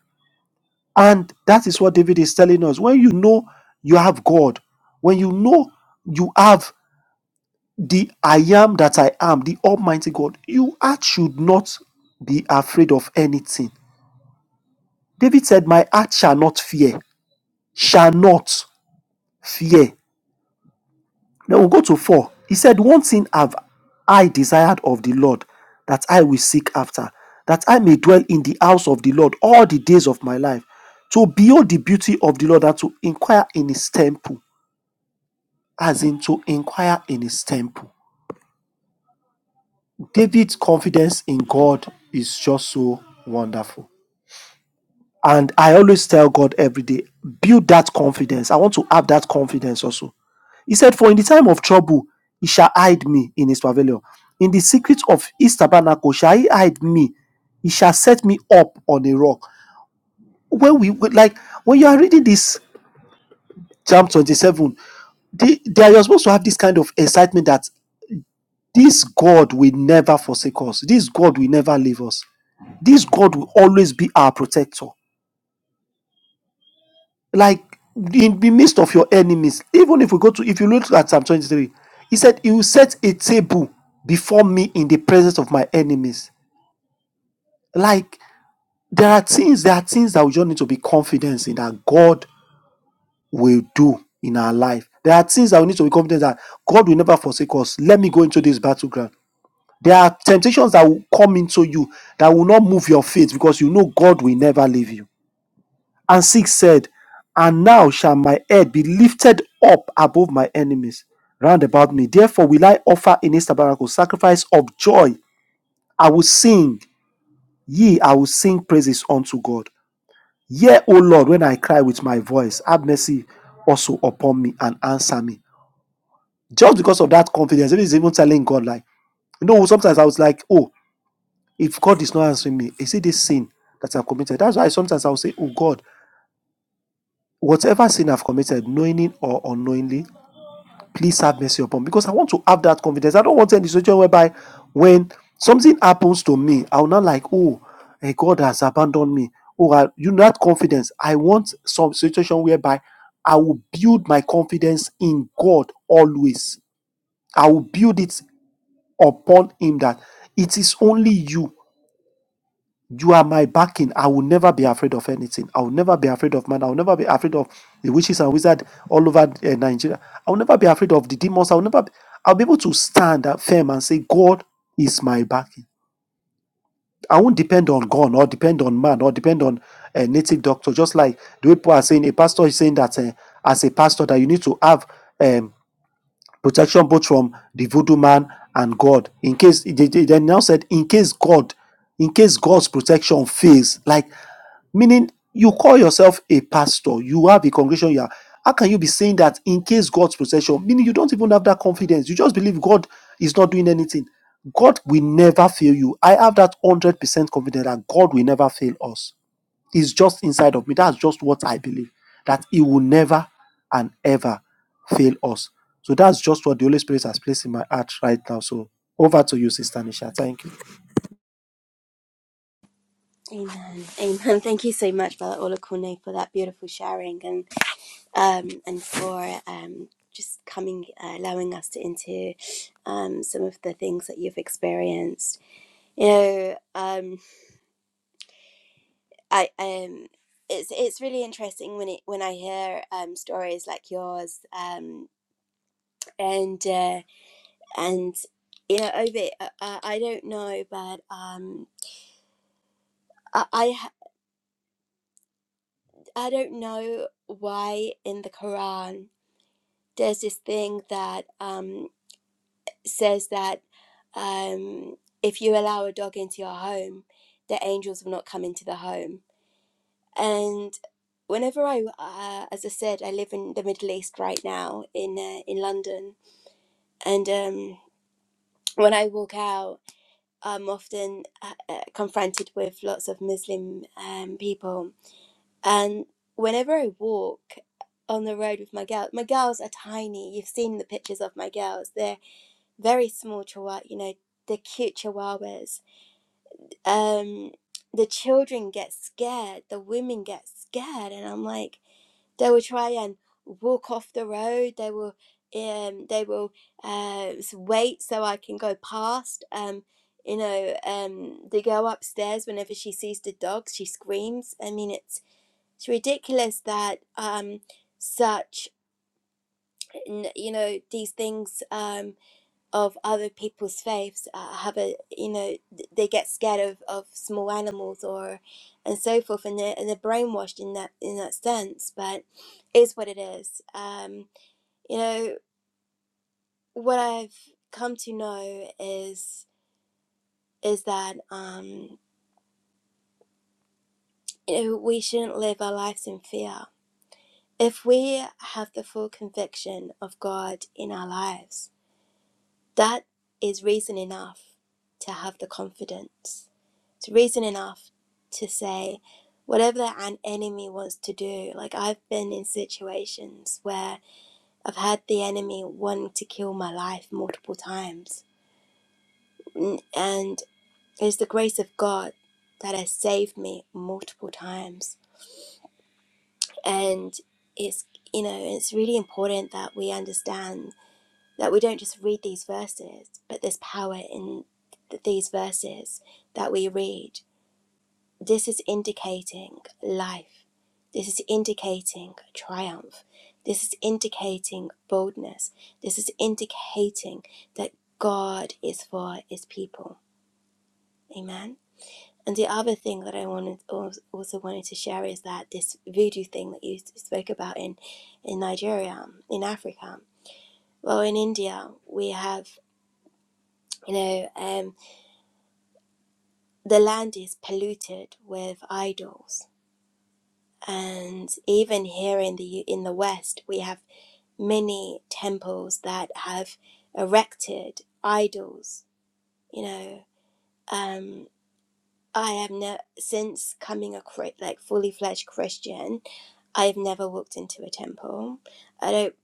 Speaker 2: and that is what David is telling us. When you know you have God, when you know you have the I am that I am, the Almighty God, you heart should not be afraid of anything. David said, My heart shall not fear, shall not fear. Then we'll go to 4. He said, One thing have I desired of the Lord that I will seek after, that I may dwell in the house of the Lord all the days of my life, to behold the beauty of the Lord and to inquire in his temple, as in to inquire in his temple. David's confidence in God is just so wonderful. And I always tell God every day, build that confidence. I want to have that confidence also. He said, For in the time of trouble, he shall hide me in his pavilion. In the secret of his tabernacle shall he hide me. He shall set me up on a rock. When we like when you are reading this Psalm 27, the, they are supposed to have this kind of excitement that this God will never forsake us. This God will never leave us. This God will always be our protector. like in the midst of your enemies even if we go to if you look at psalm 23 he said he will set a table before me in the presence of my enemies like there are things there are things that we just need to be confident in that god will do in our life there are things that we need to be confident that god will never forsake us let me go into this battleground there are temptations that will come into you that will not move your faith because you know god will never leave you And 6 said, And now shall my head be lifted up above my enemies round about me. Therefore will I offer in his tabernacle sacrifice of joy. I will sing, ye, I will sing praises unto God. Yea, O Lord, when I cry with my voice, have mercy also upon me and answer me. Just because of that confidence, it is even telling God, like, you know, sometimes I was like, oh, if God is not answering me, is it this sin that I've committed? That's why sometimes I'll say, oh God, whatever sin I've committed, knowingly or unknowingly, please have mercy upon me because I want to have that confidence. I don't want any situation whereby when something happens to me, I'll not like, oh, eh, God has abandoned me. Oh, I, you know that confidence. I want some situation whereby I will build my confidence in God always. I will build it upon Him that it is only you you are my backing. I will never be afraid of anything. I will never be afraid of man. I will never be afraid of the witches and wizards all over uh, Nigeria. I will never be afraid of the demons. I will never. Be, I'll be able to stand up firm and say, God is my backing. I won't depend on God or depend on man or depend on a native doctor. Just like the way people are saying, a pastor is saying that uh, as a pastor that you need to have. Um, protection both from the voodoo man and God. In case they, they now said, in case God, in case God's protection fails, like meaning you call yourself a pastor, you have a congregation, you are. How can you be saying that in case God's protection, meaning you don't even have that confidence? You just believe God is not doing anything. God will never fail you. I have that 100% confidence that God will never fail us. Is just inside of me. That's just what I believe that He will never and ever fail us. So that's just what the Holy Spirit has placed in my heart right now. So over to you, Sister Nisha. Thank you.
Speaker 1: Amen. Amen. Thank you so much, Brother Olakune, for that beautiful sharing. and. um, and for um, just coming, uh, allowing us to into um, some of the things that you've experienced. You know, um, I um, it's it's really interesting when it when I hear um, stories like yours, um, and uh, and you know, Ovid, I, I I don't know, but um, I I ha- I don't know why in the Quran there's this thing that um says that um, if you allow a dog into your home, the angels will not come into the home. And whenever I, uh, as I said, I live in the Middle East right now in uh, in London, and um, when I walk out, I'm often uh, uh, confronted with lots of Muslim um, people, and whenever I walk on the road with my girls, my girls are tiny. You've seen the pictures of my girls; they're very small chihuahua, you know, they're cute chihuahuas um the children get scared the women get scared and i'm like they will try and walk off the road they will um they will uh s- wait so i can go past um you know um they go upstairs whenever she sees the dogs she screams i mean it's it's ridiculous that um such n- you know these things Um of other people's faiths uh, have a you know th- they get scared of, of small animals or and so forth and they're, and they're brainwashed in that in that sense but it's what it is um you know what i've come to know is is that um you know we shouldn't live our lives in fear if we have the full conviction of god in our lives that is reason enough to have the confidence It's reason enough to say whatever an enemy wants to do. Like I've been in situations where I've had the enemy wanting to kill my life multiple times. And it's the grace of God that has saved me multiple times. And it's you know, it's really important that we understand that we don't just read these verses, but there's power in these verses that we read This is indicating life. This is indicating triumph. This is indicating boldness. This is indicating that God is for his people. Amen. And the other thing that I wanted also wanted to share is that this voodoo thing that you spoke about in in Nigeria, in Africa, well, in India, we have you know um, the land is polluted with idols, and even here in the in the West, we have many temples that have erected idols. You know, um, I have never since coming a like fully fledged Christian. I have never walked into a temple. I don't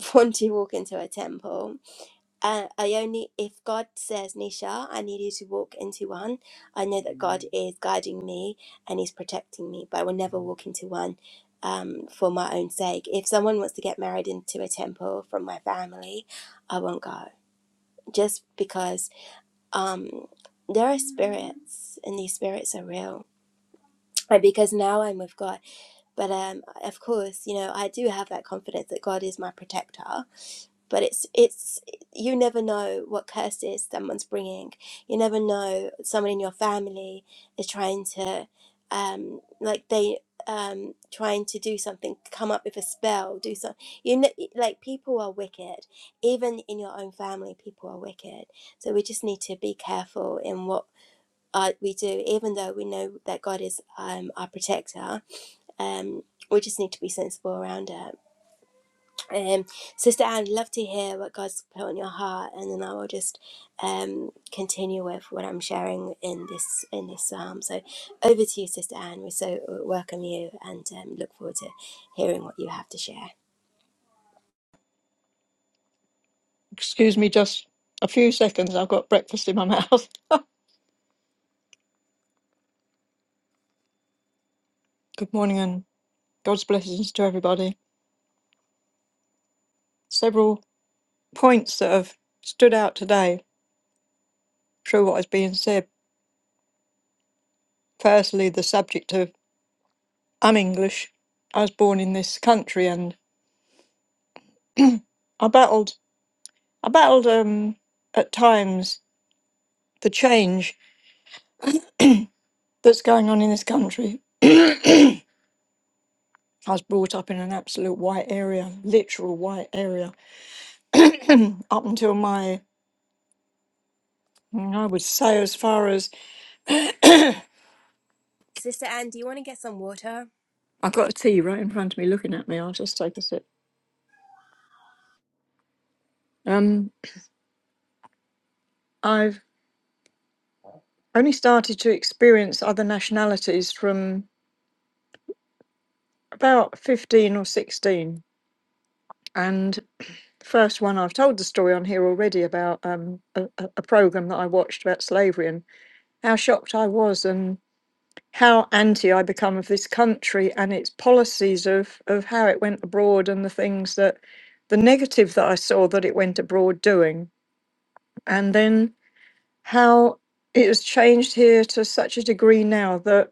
Speaker 1: want to walk into a temple uh, I only, if God says, Nisha, I need you to walk into one, I know that God is guiding me and He's protecting me, but I will never walk into one um, for my own sake. If someone wants to get married into a temple from my family, I won't go just because um, there are spirits and these spirits are real. And Because now I'm with God, but um, of course, you know I do have that confidence that God is my protector, but it's it's you never know what curses someone's bringing you never know someone in your family is trying to um like they um trying to do something come up with a spell do something you know like people are wicked even in your own family people are wicked so we just need to be careful in what uh, we do even though we know that god is um our protector um we just need to be sensible around it um, Sister Anne, love to hear what God's put on your heart, and then I will just um, continue with what I'm sharing in this in this psalm. So, over to you, Sister Anne. We so uh, welcome you, and um, look forward to hearing what you have to share.
Speaker 3: Excuse me just a few seconds. I've got breakfast in my mouth. Good morning and God's blessings to everybody. Several points that have stood out today through what has been said. Firstly, the subject of I'm English. I was born in this country and I battled I battled um at times the change that's going on in this country. I was brought up in an absolute white area, literal white area, up until my I would say as far as
Speaker 1: Sister Anne, do you want to get some water?
Speaker 3: I've got a tea right in front of me looking at me. I'll just take a sip. Um, I've only started to experience other nationalities from about 15 or 16. And the first one, I've told the story on here already about um, a, a program that I watched about slavery and how shocked I was and how anti I become of this country and its policies of, of how it went abroad and the things that the negative that I saw that it went abroad doing. And then how it has changed here to such a degree now that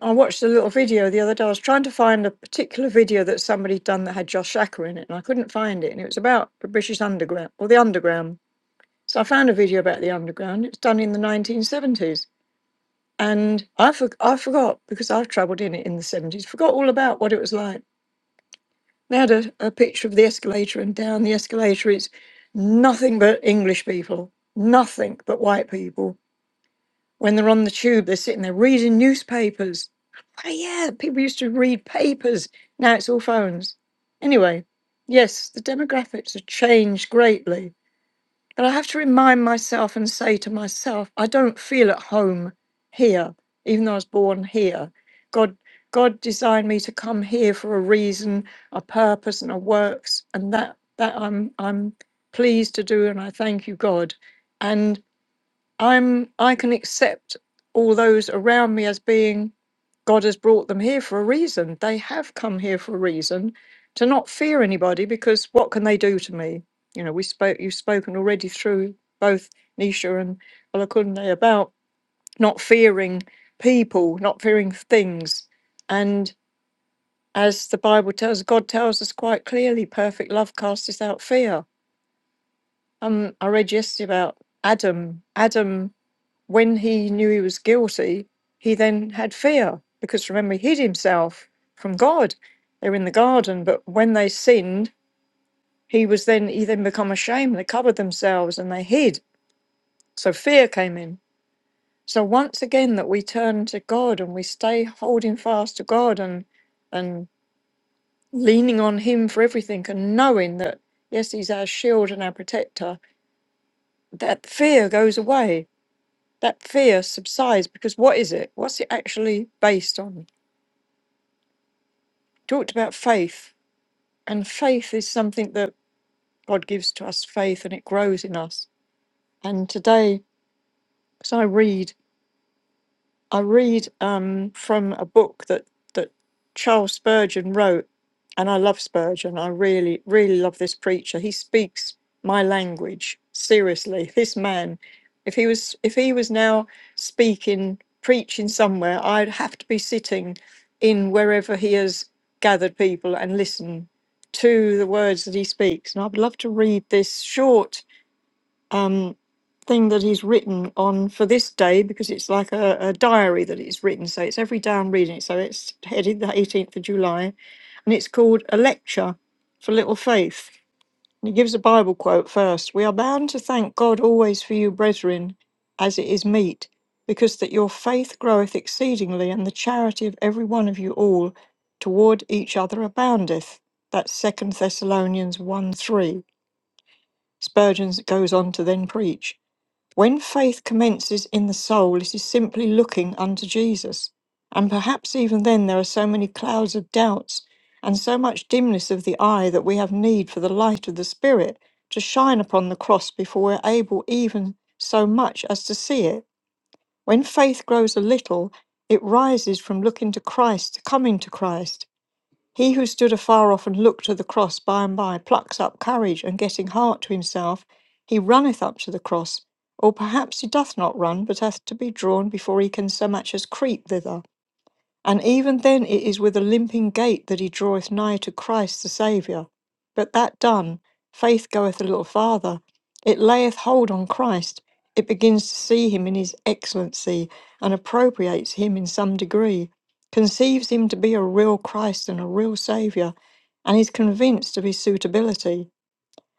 Speaker 3: I watched a little video the other day. I was trying to find a particular video that somebody done that had Josh Shacker in it, and I couldn't find it. And it was about the British Underground or the Underground. So I found a video about the Underground. It's done in the 1970s. And I, for- I forgot because I've travelled in it in the 70s, forgot all about what it was like. They had a, a picture of the escalator, and down the escalator is nothing but English people, nothing but white people When they're on the tube, they're sitting there reading newspapers. Oh, yeah, people used to read papers. Now it's all phones. Anyway, yes, the demographics have changed greatly. But I have to remind myself and say to myself, I don't feel at home here, even though I was born here. God, God designed me to come here for a reason, a purpose, and a works, and that that I'm I'm pleased to do, and I thank you, God. and. I'm I can accept all those around me as being God has brought them here for a reason. They have come here for a reason to not fear anybody because what can they do to me? You know, we spoke you've spoken already through both Nisha and Olakunde about not fearing people, not fearing things. And as the Bible tells, God tells us quite clearly, perfect love casteth out fear. Um, I read yesterday about Adam. Adam when he knew he was guilty, he then had fear because remember, he hid himself from God. They were in the garden, but when they sinned, he was then he then become ashamed. They covered themselves and they hid. So fear came in. So once again, that we turn to God and we stay holding fast to God and and leaning on Him for everything and knowing that yes, He's our shield and our protector. That fear goes away. That fear subsides because what is it? What's it actually based on? talked about faith, and faith is something that God gives to us faith and it grows in us. And today, as I read I read um, from a book that that Charles Spurgeon wrote, and I love Spurgeon. I really, really love this preacher. He speaks my language seriously. This man, if he was if he was now speaking, preaching somewhere, I'd have to be sitting in wherever he has gathered people and listen to the words that he speaks. And I'd love to read this short um, thing that he's written on for this day because it's like a, a diary that he's written. So it's every day I'm reading it. So it's headed the 18th of July and it's called A Lecture for Little Faith. And he gives a Bible quote first We are bound to thank God always for you, brethren, as it is meet, because that your faith groweth exceedingly, and the charity of every one of you all toward each other aboundeth. That's Second Thessalonians 1 3. Spurgeon goes on to then preach. When faith commences in the soul, it is simply looking unto Jesus. And perhaps even then, there are so many clouds of doubts and so much dimness of the eye that we have need for the light of the Spirit to shine upon the cross before we're able even so much as to see it. When faith grows a little, it rises from looking to Christ to coming to Christ he who stood afar off and looked to the cross by and by plucks up courage, and getting heart to himself, he runneth up to the cross. Or perhaps he doth not run, but hath to be drawn before he can so much as creep thither. And even then it is with a limping gait that he draweth nigh to Christ the Saviour. But that done, faith goeth a little farther. It layeth hold on Christ. It begins to see him in his excellency and appropriates him in some degree, conceives him to be a real Christ and a real Saviour, and is convinced of his suitability.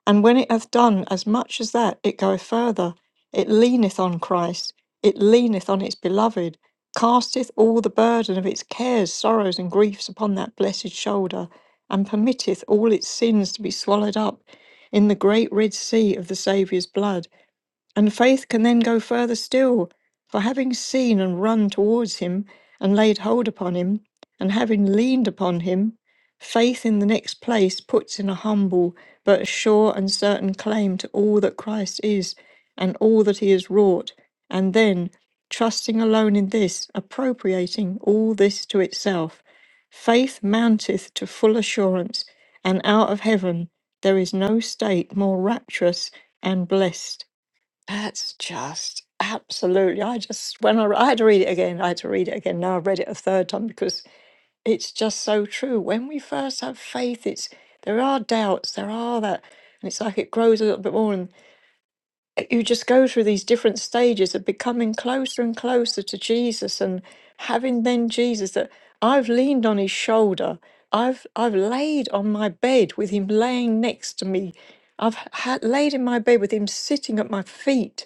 Speaker 3: And when it hath done as much as that, it goeth further. It leaneth on Christ. It leaneth on its beloved. Casteth all the burden of its cares, sorrows, and griefs upon that blessed shoulder, and permitteth all its sins to be swallowed up in the great Red Sea of the Saviour's blood. And faith can then go further still, for having seen and run towards him, and laid hold upon him, and having leaned upon him, faith in the next place puts in a humble but sure and certain claim to all that Christ is and all that he has wrought, and then, trusting alone in this, appropriating all this to itself. Faith mounteth to full assurance, and out of heaven there is no state more rapturous and blessed that's just absolutely. I just when I, I had to read it again, I had to read it again. Now I've read it a third time because it's just so true. When we first have faith, it's there are doubts, there are that, and it's like it grows a little bit more you just go through these different stages of becoming closer and closer to Jesus and having then Jesus that I've leaned on his shoulder. I've I've laid on my bed with him laying next to me. I've ha- laid in my bed with him sitting at my feet.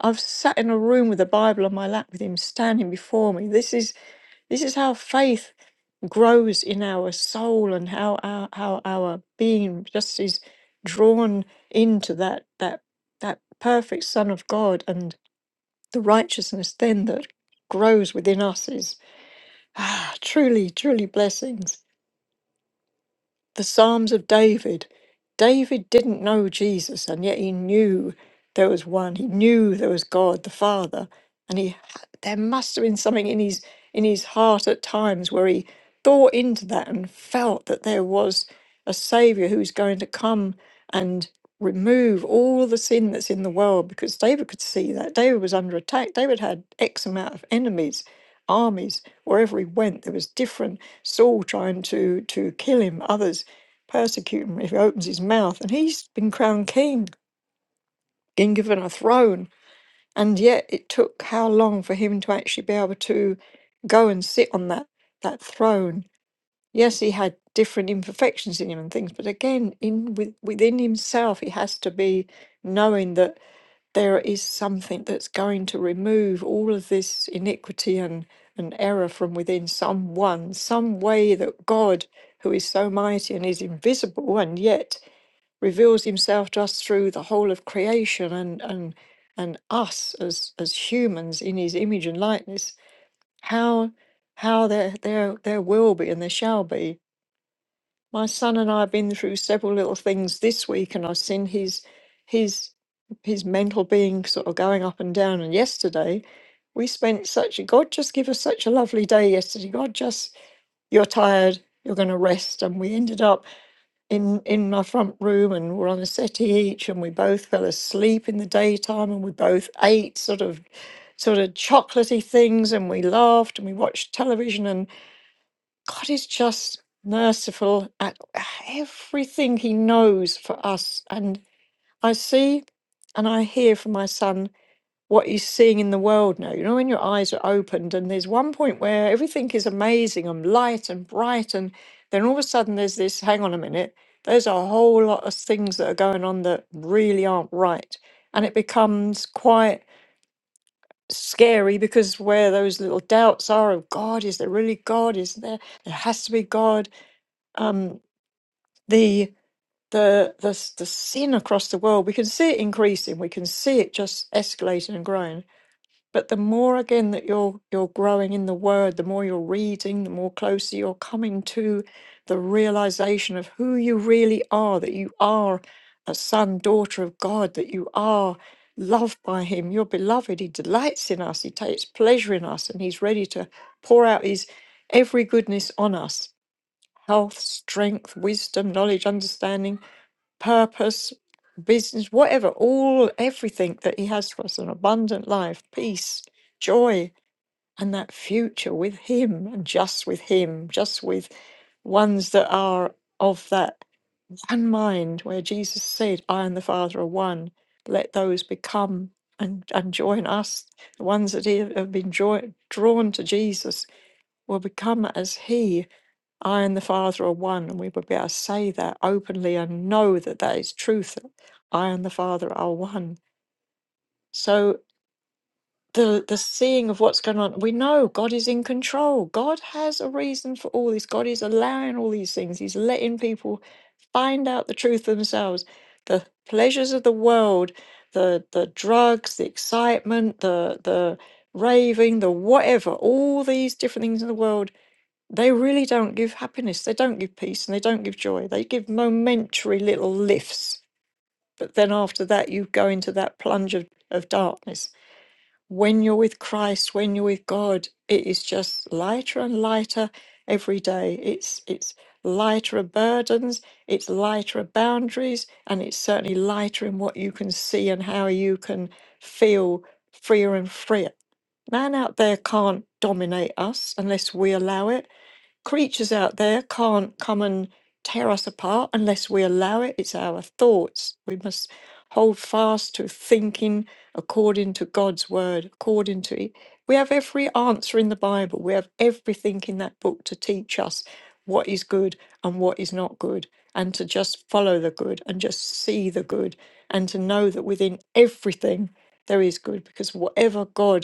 Speaker 3: I've sat in a room with a Bible on my lap with him standing before me. This is this is how faith grows in our soul and how our how our being just is drawn into that that that perfect Son of God and the righteousness then that grows within us is ah, truly truly blessings the Psalms of David. David didn't know Jesus, and yet he knew there was one. He knew there was God the Father, and he there must have been something in his in his heart at times where he thought into that and felt that there was a Savior who was going to come and remove all the sin that's in the world. Because David could see that David was under attack. David had X amount of enemies, armies wherever he went. There was different Saul trying to to kill him, others persecute him if he opens his mouth. And he's been crowned king been given a throne. And yet it took how long for him to actually be able to go and sit on that, that throne? Yes, he had different imperfections in him and things, but again, in with, within himself, he has to be knowing that there is something that's going to remove all of this iniquity and, and error from within someone, some way that God, who is so mighty and is invisible and yet reveals himself to us through the whole of creation and and and us as as humans in his image and likeness how how there there there will be and there shall be my son and i have been through several little things this week and i've seen his his his mental being sort of going up and down and yesterday we spent such a god just give us such a lovely day yesterday god just you're tired you're going to rest and we ended up in in my front room and we're on a settee each and we both fell asleep in the daytime and we both ate sort of sort of chocolatey things and we laughed and we watched television and God is just merciful at everything he knows for us and I see and I hear from my son what you're seeing in the world now. You know, when your eyes are opened, and there's one point where everything is amazing and light and bright, and then all of a sudden there's this hang on a minute, there's a whole lot of things that are going on that really aren't right. And it becomes quite scary because where those little doubts are of God, is there really God? Is there, there has to be God? Um, the the the s- the sin across the world we can see it increasing we can see it just escalating and growing but the more again that you're you're growing in the word, the more you're reading, the more closer you're coming to the realization of who you really are, that you are a son, daughter of God, that you are loved by him, you're beloved, he delights in us, he takes pleasure in us, and he's ready to pour out his every goodness on us. Health, strength, wisdom, knowledge, understanding purpose, business, whatever, all everything that He has for us an abundant life, peace, joy, and that future with Him and just with Him, just with ones that are of that one mind, where Jesus said, I and the Father are one. Let those become and, and join us. The ones that have been joy, drawn to Jesus will become as He I and the Father are one, and we would be able to say that openly and know that that is truth. that I and the Father are one. So the the seeing of what's going on, we know God is in control. God has a reason for all this. God is allowing all these things. He's letting people find out the truth for themselves. The pleasures of the world, the the drugs, the excitement, the the raving, the whatever, all these different things in the world they really don't give happiness, they don't give peace, and they don't give joy. They give momentary little lifts. But then after that, you go into that plunge of, of darkness. When you're with Christ, when you're with God, it is just lighter and lighter every day. It's it's lighter of burdens, it's lighter of boundaries, and it's certainly lighter in what you can see and how you can feel freer and freer. Man out there can't dominate us unless we allow it creatures out there can't come and tear us apart unless we allow it. It's our thoughts. We must hold fast to thinking according to God's word, according to it. We have every answer in the Bible. We have everything in that book to teach us what is good and what is not good, and to just follow the good and just see the good, and to know that within everything there is good, because whatever God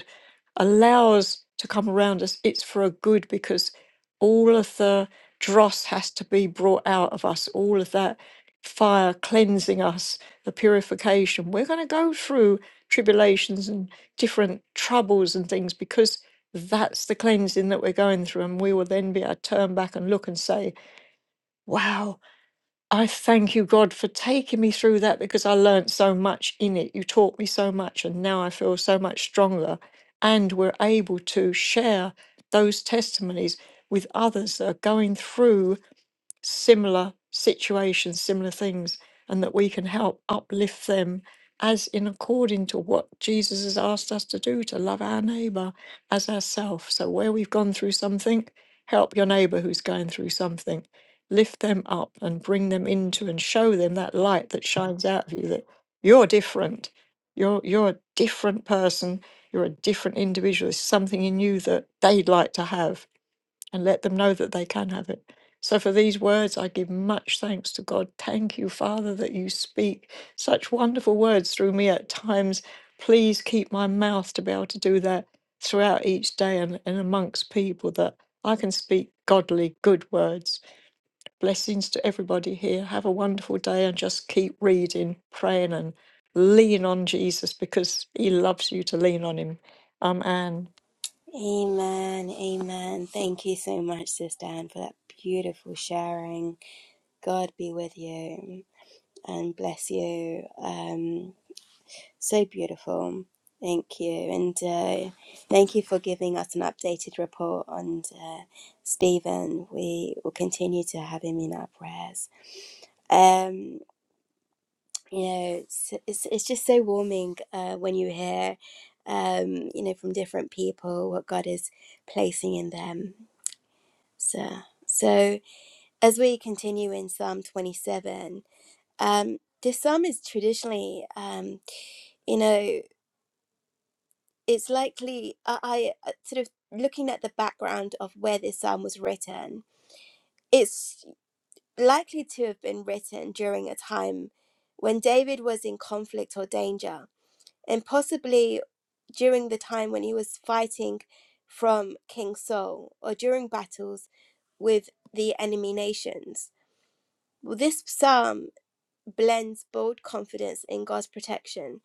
Speaker 3: allows to come around us, it's for a good because all of the dross has to be brought out of us, all of that fire cleansing us, the purification. We're going to go through tribulations and different troubles and things because that's the cleansing that we're going through. And we will then be able to turn back and look and say, wow. I thank you, God, for taking me through that because I learned so much in it. You taught me so much, and now I feel so much stronger. And we're able to share those testimonies with others that are going through similar situations, similar things, and that we can help uplift them as in according to what Jesus has asked us to do to love our neighbor as ourselves. So, where we've gone through something, help your neighbor who's going through something, lift them up and bring them into and show them that light that shines out of you that you're different. You're, you're a different person. You're a different individual. There's something in you that they'd like to have and let them know that they can have it. So for these words, I give much thanks to God. Thank you, Father, that you speak such wonderful words through me at times. Please keep my mouth to be able to do that throughout each day and, and amongst people that I can speak godly, good words. Blessings to everybody here. Have a wonderful day and just keep reading, praying, and lean on Jesus because he loves you to lean on him. I'm Anne.
Speaker 1: Amen, amen. Thank you so much, Sister Anne, for that beautiful sharing. God be with you and bless you. Um, So beautiful. Thank you. And uh, thank you for giving us an updated report on uh, Stephen. We will continue to have him in our prayers. Um, you know, it's, it's, it's just so warming uh, when you hear, um, you know, from different people what God is placing in them. So, so as we continue in Psalm 27, um, this psalm is traditionally, um, you know, it's likely I, I uh, sort of looking at the background of where this psalm was written, it's likely to have been written during a time when David was in conflict or danger, and possibly during the time when he was fighting from King Saul or during battles with the enemy nations. Well, this psalm blends bold confidence in God's protection,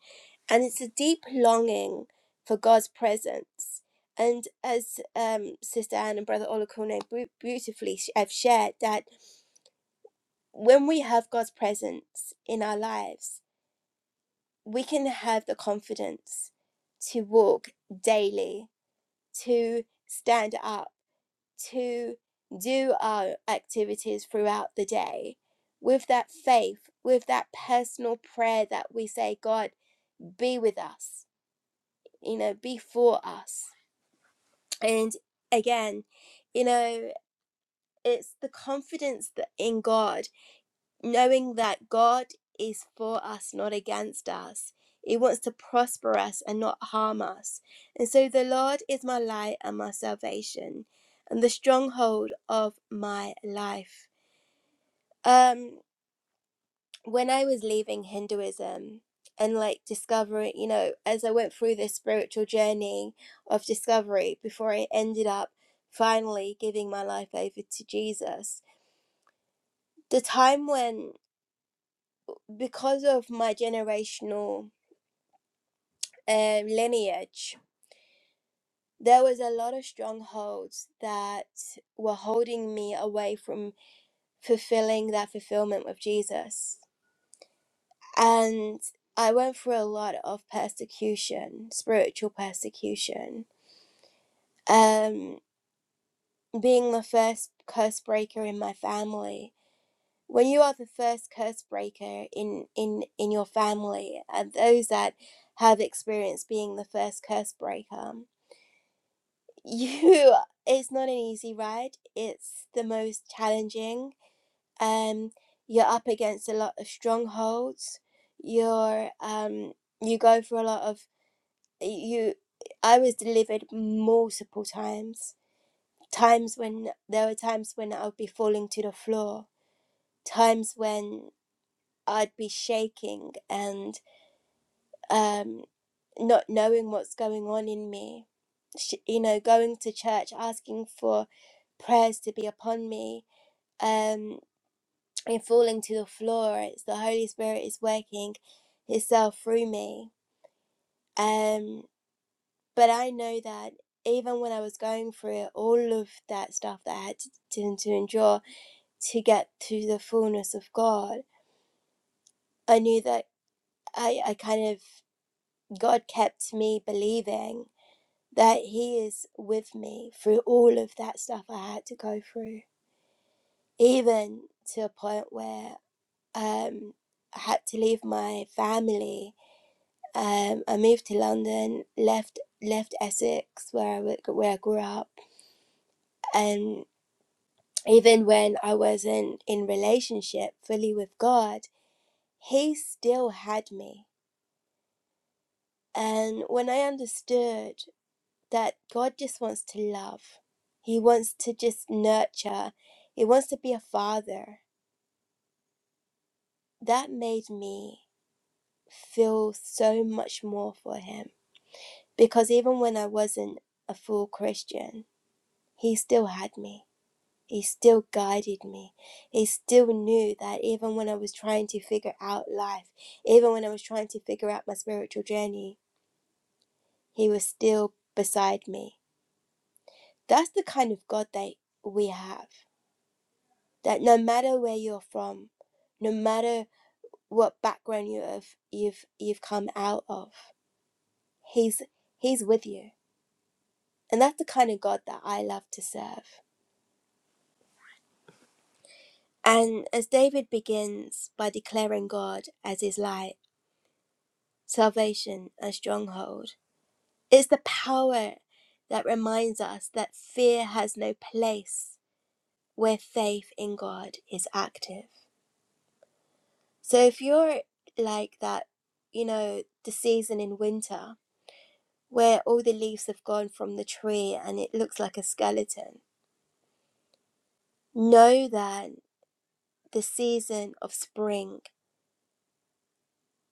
Speaker 1: and it's a deep longing for God's presence. And as um, Sister Anne and Brother Olakone beautifully have shared, that when we have God's presence in our lives, we can have the confidence to walk daily, to stand up, to do our activities throughout the day with that faith, with that personal prayer that we say, God be with us, you know, be for us. And again, you know, it's the confidence that in God, knowing that God is for us, not against us. He wants to prosper us and not harm us. And so the Lord is my light and my salvation and the stronghold of my life. Um when I was leaving Hinduism and like discovering, you know, as I went through this spiritual journey of discovery before I ended up finally giving my life over to Jesus, the time when, because of my generational uh, lineage, there was a lot of strongholds that were holding me away from fulfilling that fulfillment with Jesus and I went through a lot of persecution, spiritual persecution. Um, being the first curse breaker in my family. When you are the first curse breaker in in in your family, and those that have experienced being the first curse breaker, you it's not an easy ride. It's the most challenging. Um, you're up against a lot of strongholds. You're um, you go through a lot of you I was delivered multiple times. Times when there were times when I would be falling to the floor, times when I'd be shaking and um, not knowing what's going on in me. Sh- You know, going to church, asking for prayers to be upon me, um, and falling to the floor. It's the Holy Spirit is working Himself through me. Um, But I know that even when I was going through it, all of that stuff that I had to, to, endure to get to the fullness of God, I knew that I, I kind of, God kept me believing that He is with me through all of that stuff I had to go through, even to a point where um, I had to leave my family. Um, I moved to London, left left Essex where I where I grew up, and. even when I wasn't in relationship fully with God, He still had me. And when I understood that God just wants to love, He wants to just nurture, He wants to be a father, that made me feel so much more for Him. Because even when I wasn't a full Christian, He still had me He still guided me. He still knew that even when I was trying to figure out life, even when I was trying to figure out my spiritual journey, He was still beside me. That's the kind of God that we have. That no matter where you're from, no matter what background you have, you've you've come out of, He's He's with you. And that's the kind of God that I love to serve. And as David begins by declaring God as His light. salvation and stronghold. It's the power that reminds us that fear has no place where faith in God is active. So if you're like that, you know, the season in winter where all the leaves have gone from the tree and it looks like a skeleton, know that the season of spring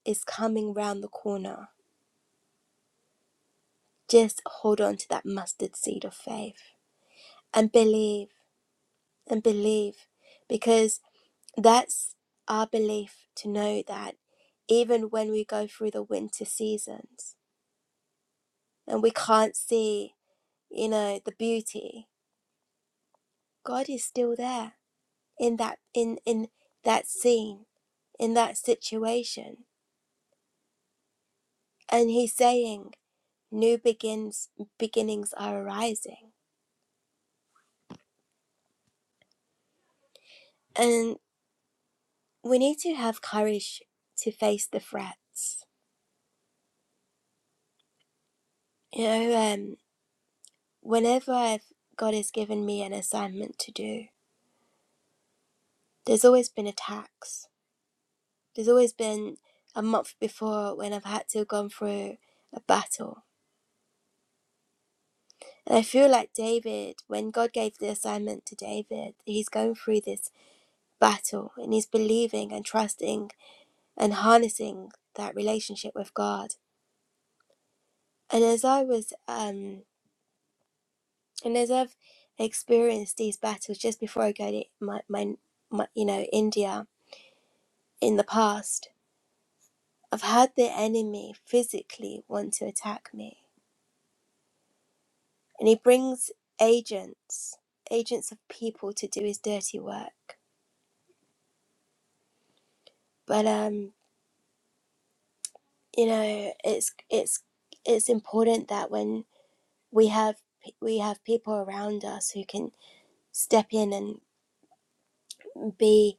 Speaker 1: is coming round the corner. Just hold on to that mustard seed of faith and believe and believe because that's our belief to know that even when we go through the winter seasons and we can't see you know the beauty god is still there in that in in that scene in that situation and he's saying new begins beginnings are arising and we need to have courage to face the threats you know um. whenever I've, God has given me an assignment to do, there's always been a tax. There's always been a month before when I've had to gone through a battle. And I feel like David, when God gave the assignment to David, he's going through this battle and he's believing and trusting and harnessing that relationship with God. And as I was, um, and as I've experienced these battles just before I go to my, my, my you know, India in the past, I've had the enemy physically want to attack me. And he brings agents, agents of people to do his dirty work. But um, you know, it's it's it's important that when we have we have people around us who can step in and be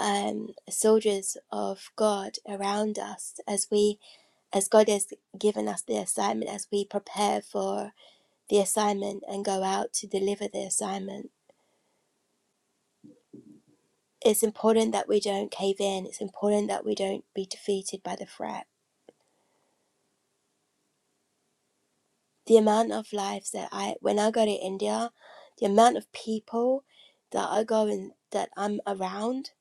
Speaker 1: um, soldiers of God around us as we as God has given us the assignment as we prepare for the assignment and go out to deliver the assignment It's important that we don't cave in. It's important that we don't be defeated by the threat. The amount of lives that I, when I go to India, the amount of people that I go and that I'm around,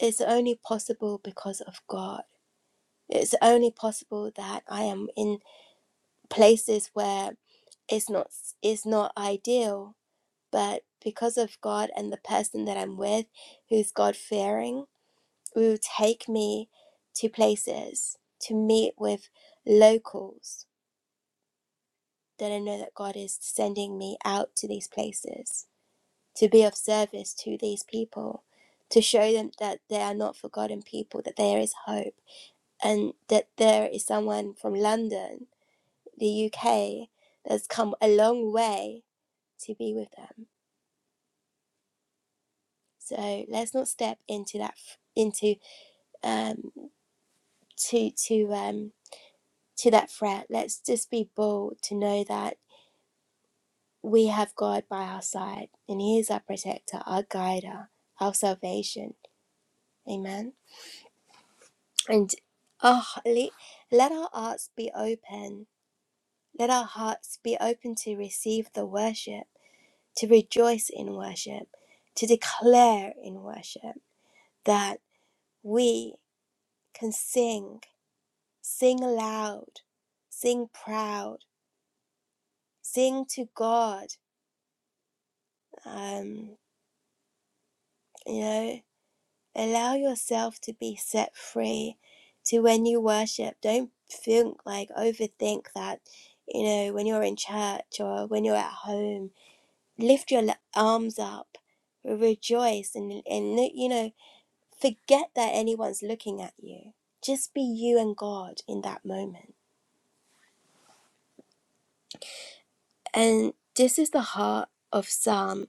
Speaker 1: is only possible because of God. It's only possible that I am in places where it's not it's not ideal, but because of God and the person that I'm with, who's God fearing will take me to places to meet with locals that I know that God is sending me out to these places to be of service to these people, to show them that they are not forgotten people, that there is hope, and that there is someone from London, the UK, that's come a long way to be with them. So let's not step into that into um to to um to that threat, let's just be bold to know that we have God by our side and He is our protector, our guider, our salvation. Amen. And oh, le- let our hearts be open. Let our hearts be open to receive the worship, to rejoice in worship, to declare in worship that we can sing, sing loud, sing proud, sing to God. Um, you know. Allow yourself to be set free to when you worship. Don't think like overthink that, you know, when you're in church or when you're at home. Lift your arms up, rejoice, and, and you know, forget that anyone's looking at you. Just be you and God in that moment. And this is the heart of Psalm.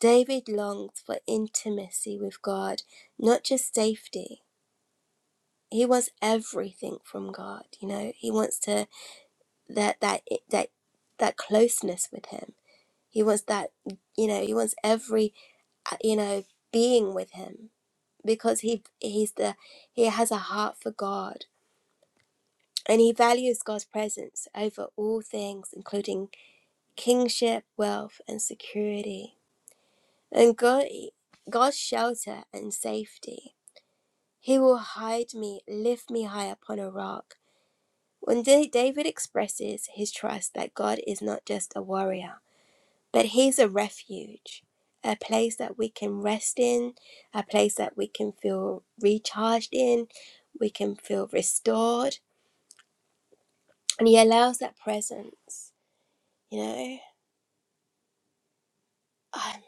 Speaker 1: David longed for intimacy with God, not just safety. he wants everything from god you know he wants to that that eh, that that closeness with him he wants that you know he wants every uh, you know being with him because he he's the he has a heart for god and he values god's presence over all things including kingship wealth and security and god god's shelter and safety he will hide me lift me high upon a rock When David expresses his trust that God is not just a warrior, but he's a refuge, a place that we can rest in, a place that we can feel recharged in, we can feel restored, and he allows that presence, you know. Um,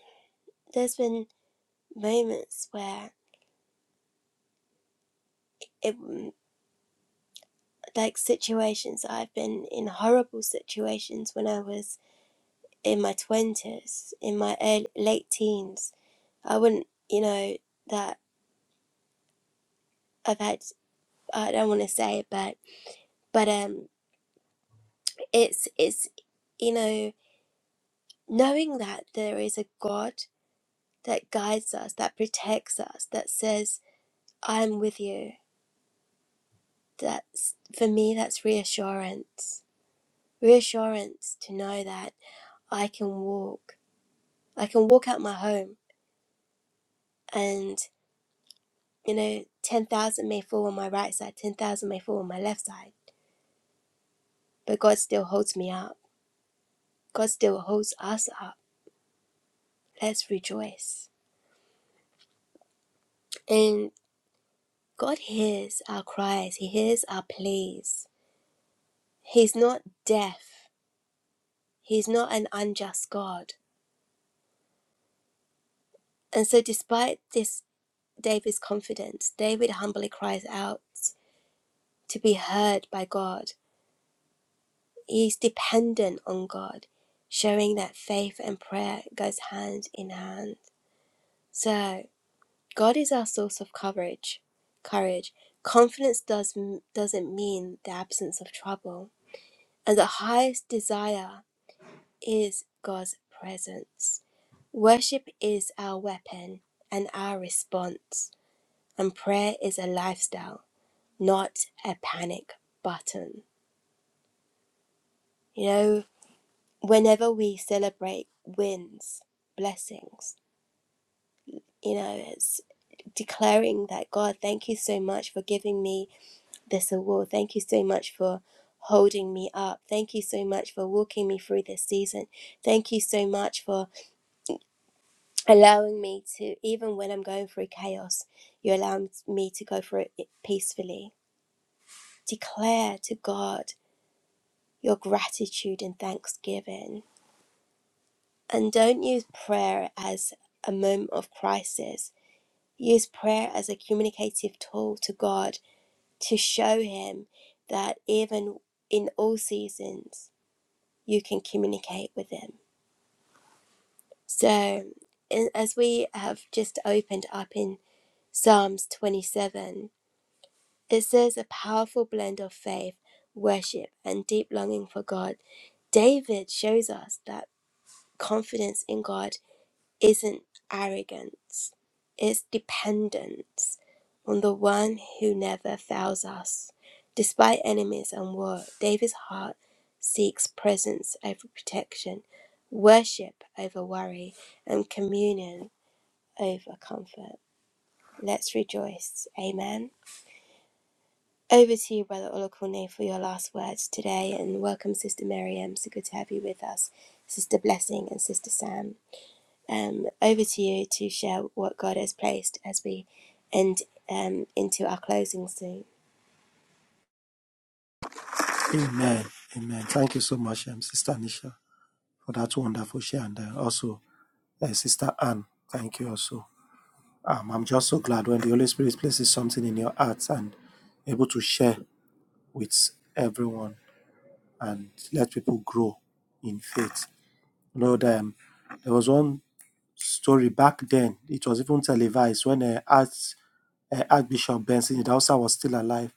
Speaker 1: there's been moments where it like situations I've been in horrible situations when I was in my 20s, in my early, late teens. I wouldn't, you know, that I've had I don't want to say it, but but um, it's it's you know knowing that there is a God that guides us, that protects us, that says I'm with you. That's for me. That's reassurance. Reassurance to know that I can walk. I can walk out my home, and you know, ten thousand may fall on my right side, ten thousand may fall on my left side, but God still holds me up. God still holds us up. Let's rejoice. And God hears our cries, He hears our pleas. He's not deaf, He's not an unjust God. And so, despite this, David's confidence, David humbly cries out to be heard by God. He's dependent on God, showing that faith and prayer goes hand in hand. So, God is our source of courage. Courage. Confidence does, doesn't mean the absence of trouble. And the highest desire is God's presence. Worship is our weapon and our response. And prayer is a lifestyle, not a panic button. You know, whenever we celebrate wins, blessings, you know, it's declaring that God, thank you so much for giving me this award. Thank you so much for holding me up. Thank you so much for walking me through this season. Thank you so much for allowing me to, even when I'm going through chaos, you allow me to go through it peacefully. Declare to God your gratitude and thanksgiving. And don't use prayer as a moment of crisis. Use prayer as a communicative tool to God to show Him that even in all seasons, you can communicate with Him. So, in- as we have just opened up in Psalms 27, It says a powerful blend of faith, worship, and deep longing for God. David shows us that confidence in God isn't arrogance, it's dependence on the one who never fails us. Despite enemies and war, David's heart seeks presence over protection, worship over worry, and communion over comfort. Let's rejoice. Amen. Over to you, Brother Olakone, for your last words today, and welcome, Sister Miriam. So good to have you with us, Sister Blessing and Sister Sam. Um, over to you to share what God has placed as we end um, into our closing soon.
Speaker 2: Amen. Amen. Thank you so much, um, Sister Nisha, for that wonderful share. And uh, also, uh, Sister Anne, thank you also. Um, I'm just so glad when the Holy Spirit places something in your heart and able to share with everyone and let people grow in faith. Lord, um, there was one story back then. It was even televised when uh, Arch, uh, Archbishop Benson Idahosa was still alive.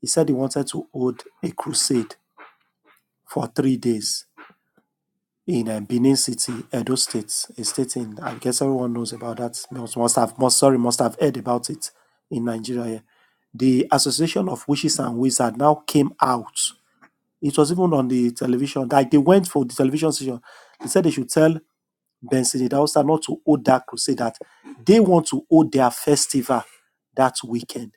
Speaker 2: He said he wanted to hold a crusade for three days in uh, Benin City, Edo State, a state in, I guess everyone knows about that. Must, must have, must, sorry, must have heard about it in Nigeria. yeah. The Association of Witches and Wizards now came out. It was even on the television. Like they went for the television station. They said they should tell Benson Sinidausa not to hold that crusade that they want to hold their festival that weekend.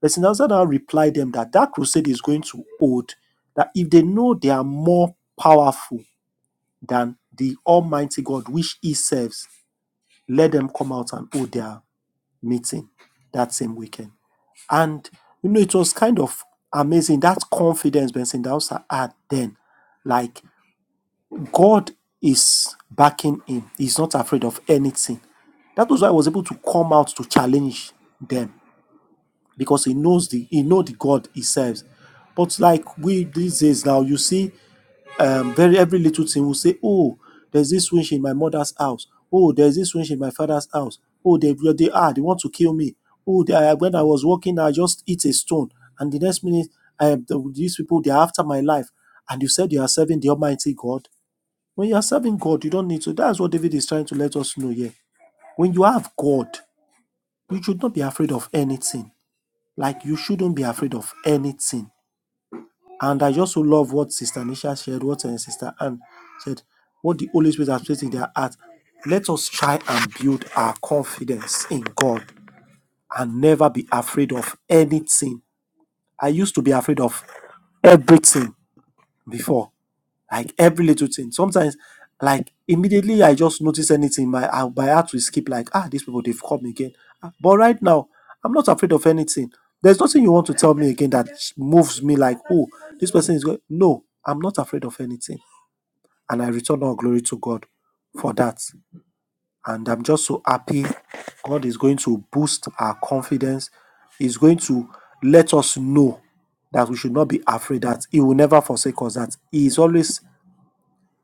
Speaker 2: Benson Sinidausa now replied them that that crusade is going to hold that if they know they are more powerful than the Almighty God which He serves, let them come out and hold their meeting that same weekend. And you know, it was kind of amazing that confidence Benson Sindausa had then. Like God is backing him. He's not afraid of anything. That was why he was able to come out to challenge them because he knows the he know the God he serves. But like we these days now, you see um very every little thing will say, Oh, there's this witch in my mother's house. Oh, there's this witch in my father's house. Oh, they they are they want to kill me. Oh, they, when I was walking, I just hit a stone, and the next minute, I, these people they are after my life. And you said you are serving the Almighty God. When you are serving God, you don't need to. That's what David is trying to let us know here. When you have God, you should not be afraid of anything. Like you shouldn't be afraid of anything. And I just so love what Sister Nisha shared, what uh, Sister Anne said, what the Holy Spirit has placed in their heart. Let us try and build our confidence in God and never be afraid of anything. I used to be afraid of everything before like every little thing. Sometimes, like immediately, I just notice anything. My I, my heart will skip. Like ah, these people they've come again. Ah, But right now, I'm not afraid of anything. There's nothing you want to tell me again that sh- moves me. Like oh, this person is going. No, I'm not afraid of anything, and I return all glory to God for that. And I'm just so happy. God is going to boost our confidence. He's going to let us know that we should not be afraid that he will never forsake us that he is always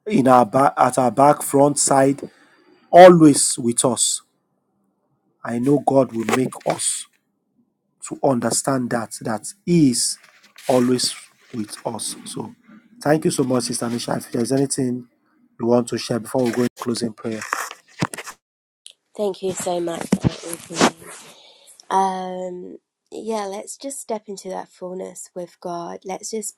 Speaker 2: in our back at our back front side always with us i know god will make us to understand that that he is always with us so thank you so much sister nisha if there's anything you want to share before we go in closing prayer
Speaker 1: Thank you so much, Brother Olakone. Um, yeah, let's just step into that fullness with God. Let's just,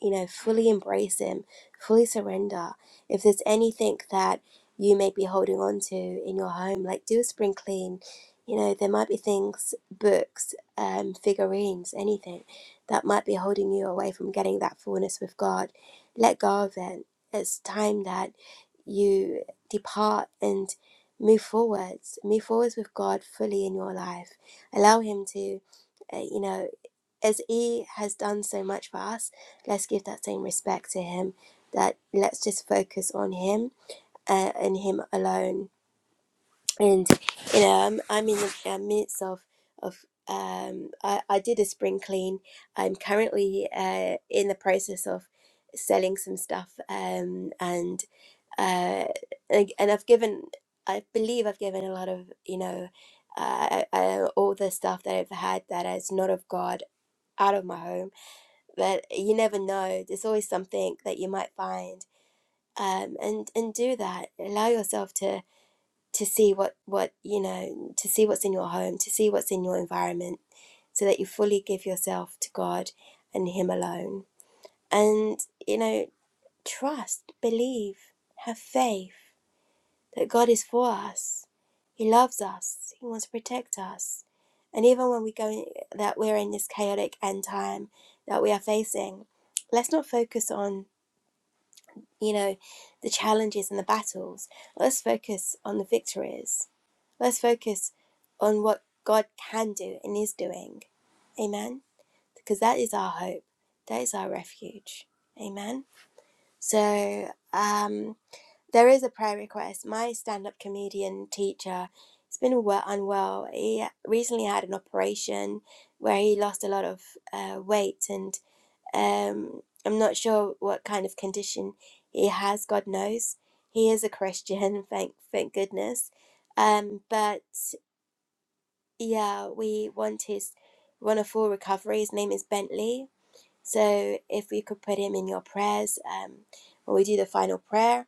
Speaker 1: you know, fully embrace Him, fully surrender. If there's anything that you may be holding on to in your home, like do a spring clean. You know, there might be things, books, um, figurines, anything that might be holding you away from getting that fullness with God. Let go of it. It's time that you depart and move forwards, move forwards with God fully in your life Allow Him to, uh, you know, as He has done so much for us, let's give that same respect to Him. That let's just focus on Him uh, and Him alone. And you know, I'm, I'm in the uh, midst of of um, I, I did a spring clean. I'm currently uh, in the process of selling some stuff um, and uh, like, and I've given, I believe I've given a lot of, you know, uh, uh, all the stuff that I've had that is not of God out of my home. But you never know. There's always something that you might find. Um, and and do that. Allow yourself to to see what what you know, to see what's in your home, to see what's in your environment, so that you fully give yourself to God and Him alone. And you know, trust, believe, have faith that God is for us. He loves us. He wants to protect us. And even when we go that we're in this chaotic end time that we are facing, let's not focus on, you know, the challenges and the battles. Let's focus on the victories. Let's focus on what God can do and is doing. Amen. Because that is our hope. That is our refuge. Amen. So um there is a prayer request. My stand up comedian teacher has been well, unwell. He recently had an operation where he lost a lot of uh, weight, and um, I'm not sure what kind of condition he has, God knows. He is a Christian, thank, thank goodness. Um, but yeah, we want his want a full recovery. His name is Bentley. So if we could put him in your prayers um, when we do the final prayer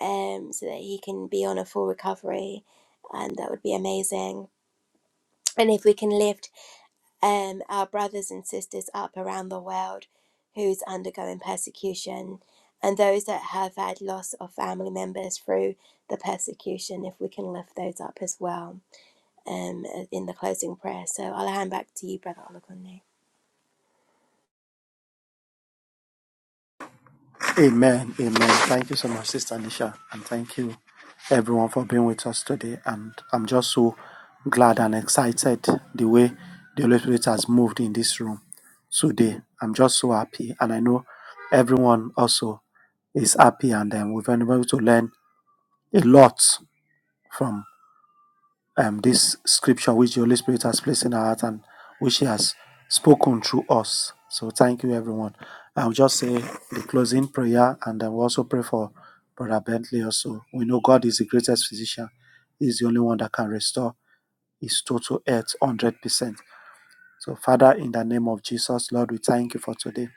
Speaker 1: um, so that he can be on a full recovery, and that would be amazing. And if we can lift um, our brothers and sisters up around the world who's undergoing persecution, and those that have had loss of family members through the persecution, if we can lift those up as well um, in the closing prayer. So I'll hand back to you, Brother Olagunle.
Speaker 2: Amen. Amen. Thank you so much, Sister Nisha. And thank you, everyone, for being with us today. And I'm just so glad and excited the way the Holy Spirit has moved in this room today. I'm just so happy. And I know everyone also is happy. And um, we've been able to learn a lot from um, this scripture which the Holy Spirit has placed in our heart and which He has spoken through us. So thank you, everyone. I'll just say the closing prayer and then we'll also pray for Brother Bentley also. We know God is the greatest physician. He's the only one that can restore his total health 100%. So Father, in the name of Jesus, Lord, we thank you for today.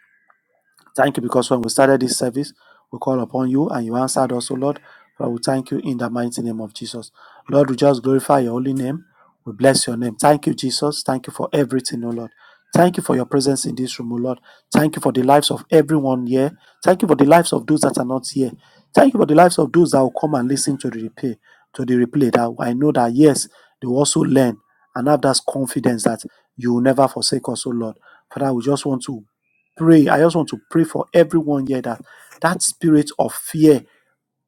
Speaker 2: Thank you because when we started this service, we call upon you and you answered us, O Lord. Father, we thank you in the mighty name of Jesus. Lord, we just glorify your holy name. We bless your name. Thank you, Jesus. Thank you for everything, O Lord. Thank you for your presence in this room, O Lord. Thank you for the lives of everyone here. Thank you for the lives of those that are not here. Thank you for the lives of those that will come and listen to the replay, to the replay. That I know that yes, they will also learn and have that confidence that you will never forsake us, O Lord. Father, we just want to pray. I just want to pray for everyone here that that spirit of fear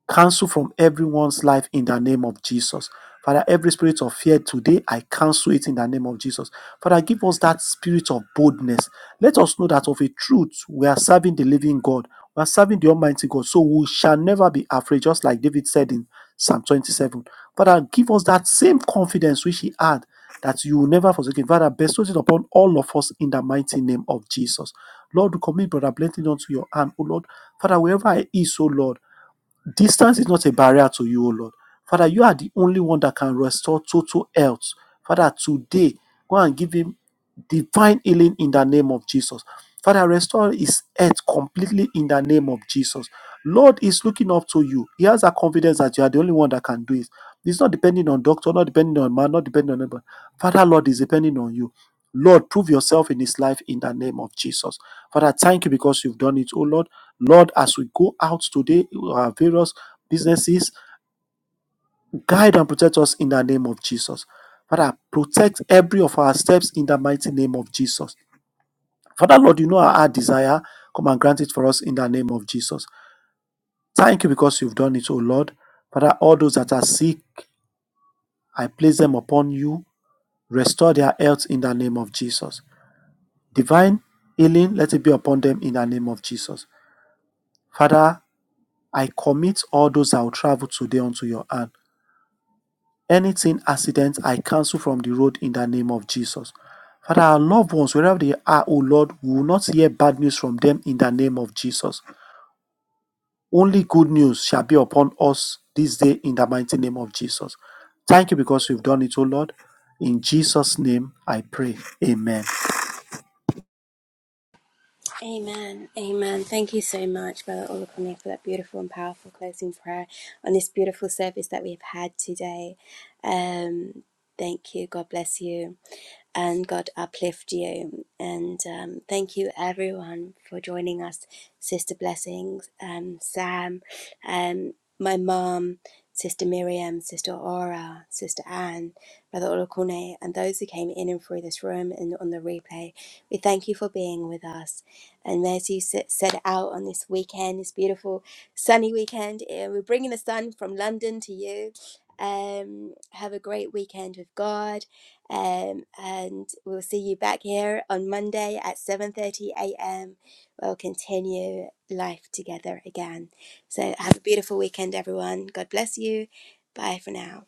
Speaker 2: Cancel from everyone's life in the name of Jesus. Father, every spirit of fear today, I cancel it in the name of Jesus. Father, give us that spirit of boldness. Let us know that of a truth, we are serving the living God. We are serving the Almighty God. So we shall never be afraid, just like David said in Psalm 27. Father, give us that same confidence which he had that you will never forsake him. Father, bestow it upon all of us in the mighty name of Jesus. Lord, we commit Brother Blessing unto your hand, O Lord. Father, wherever I is, O Lord, Distance is not a barrier to you, O Lord. Father, you are the only one that can restore total health. Father, today, go and give him divine healing in the name of Jesus. Father, restore his health completely in the name of Jesus. Lord is looking up to you. He has a confidence that you are the only one that can do it. It's not depending on doctor, not depending on man, not depending on anybody. Father, Lord is depending on you. Lord, prove yourself in his life in the name of Jesus. Father, thank you because you've done it, oh Lord. Lord, as we go out today, our various businesses, guide and protect us in the name of Jesus. Father, protect every of our steps in the mighty name of Jesus. Father, Lord, you know our desire. Come and grant it for us in the name of Jesus. Thank you because you've done it, O Lord. Father, all those that are sick, I place them upon you. Restore their health in the name of Jesus. Divine healing, let it be upon them in the name of Jesus. Father, I commit all those that will travel today unto your hand. Anything accident, I cancel from the road in the name of Jesus. Father, our loved ones, wherever they are, O Lord, we will not hear bad news from them in the name of Jesus. Only good news shall be upon us this day in the mighty name of Jesus. Thank you because you've done it, O Lord. In Jesus' name I pray. Amen.
Speaker 1: Amen. Amen. Thank you so much, Brother Olukumi, for that beautiful and powerful closing prayer on this beautiful service that we've had today. Um, thank you. God bless you and God uplift you. And um, thank you, everyone, for joining us, Sister Blessings, um, Sam, um, my mom, Sister Miriam, Sister Aura, Sister Anne, Brother Olokone, and those who came in and through this room and on the replay. We thank you for being with us. And as you s- set out on this weekend, this beautiful sunny weekend, eh, we're bringing the sun from London to you. Um, have a great weekend with God um, and we'll see you back here on Monday at 7:30 a.m. We'll continue life together again. So have a beautiful weekend, everyone. God bless you. Bye for now.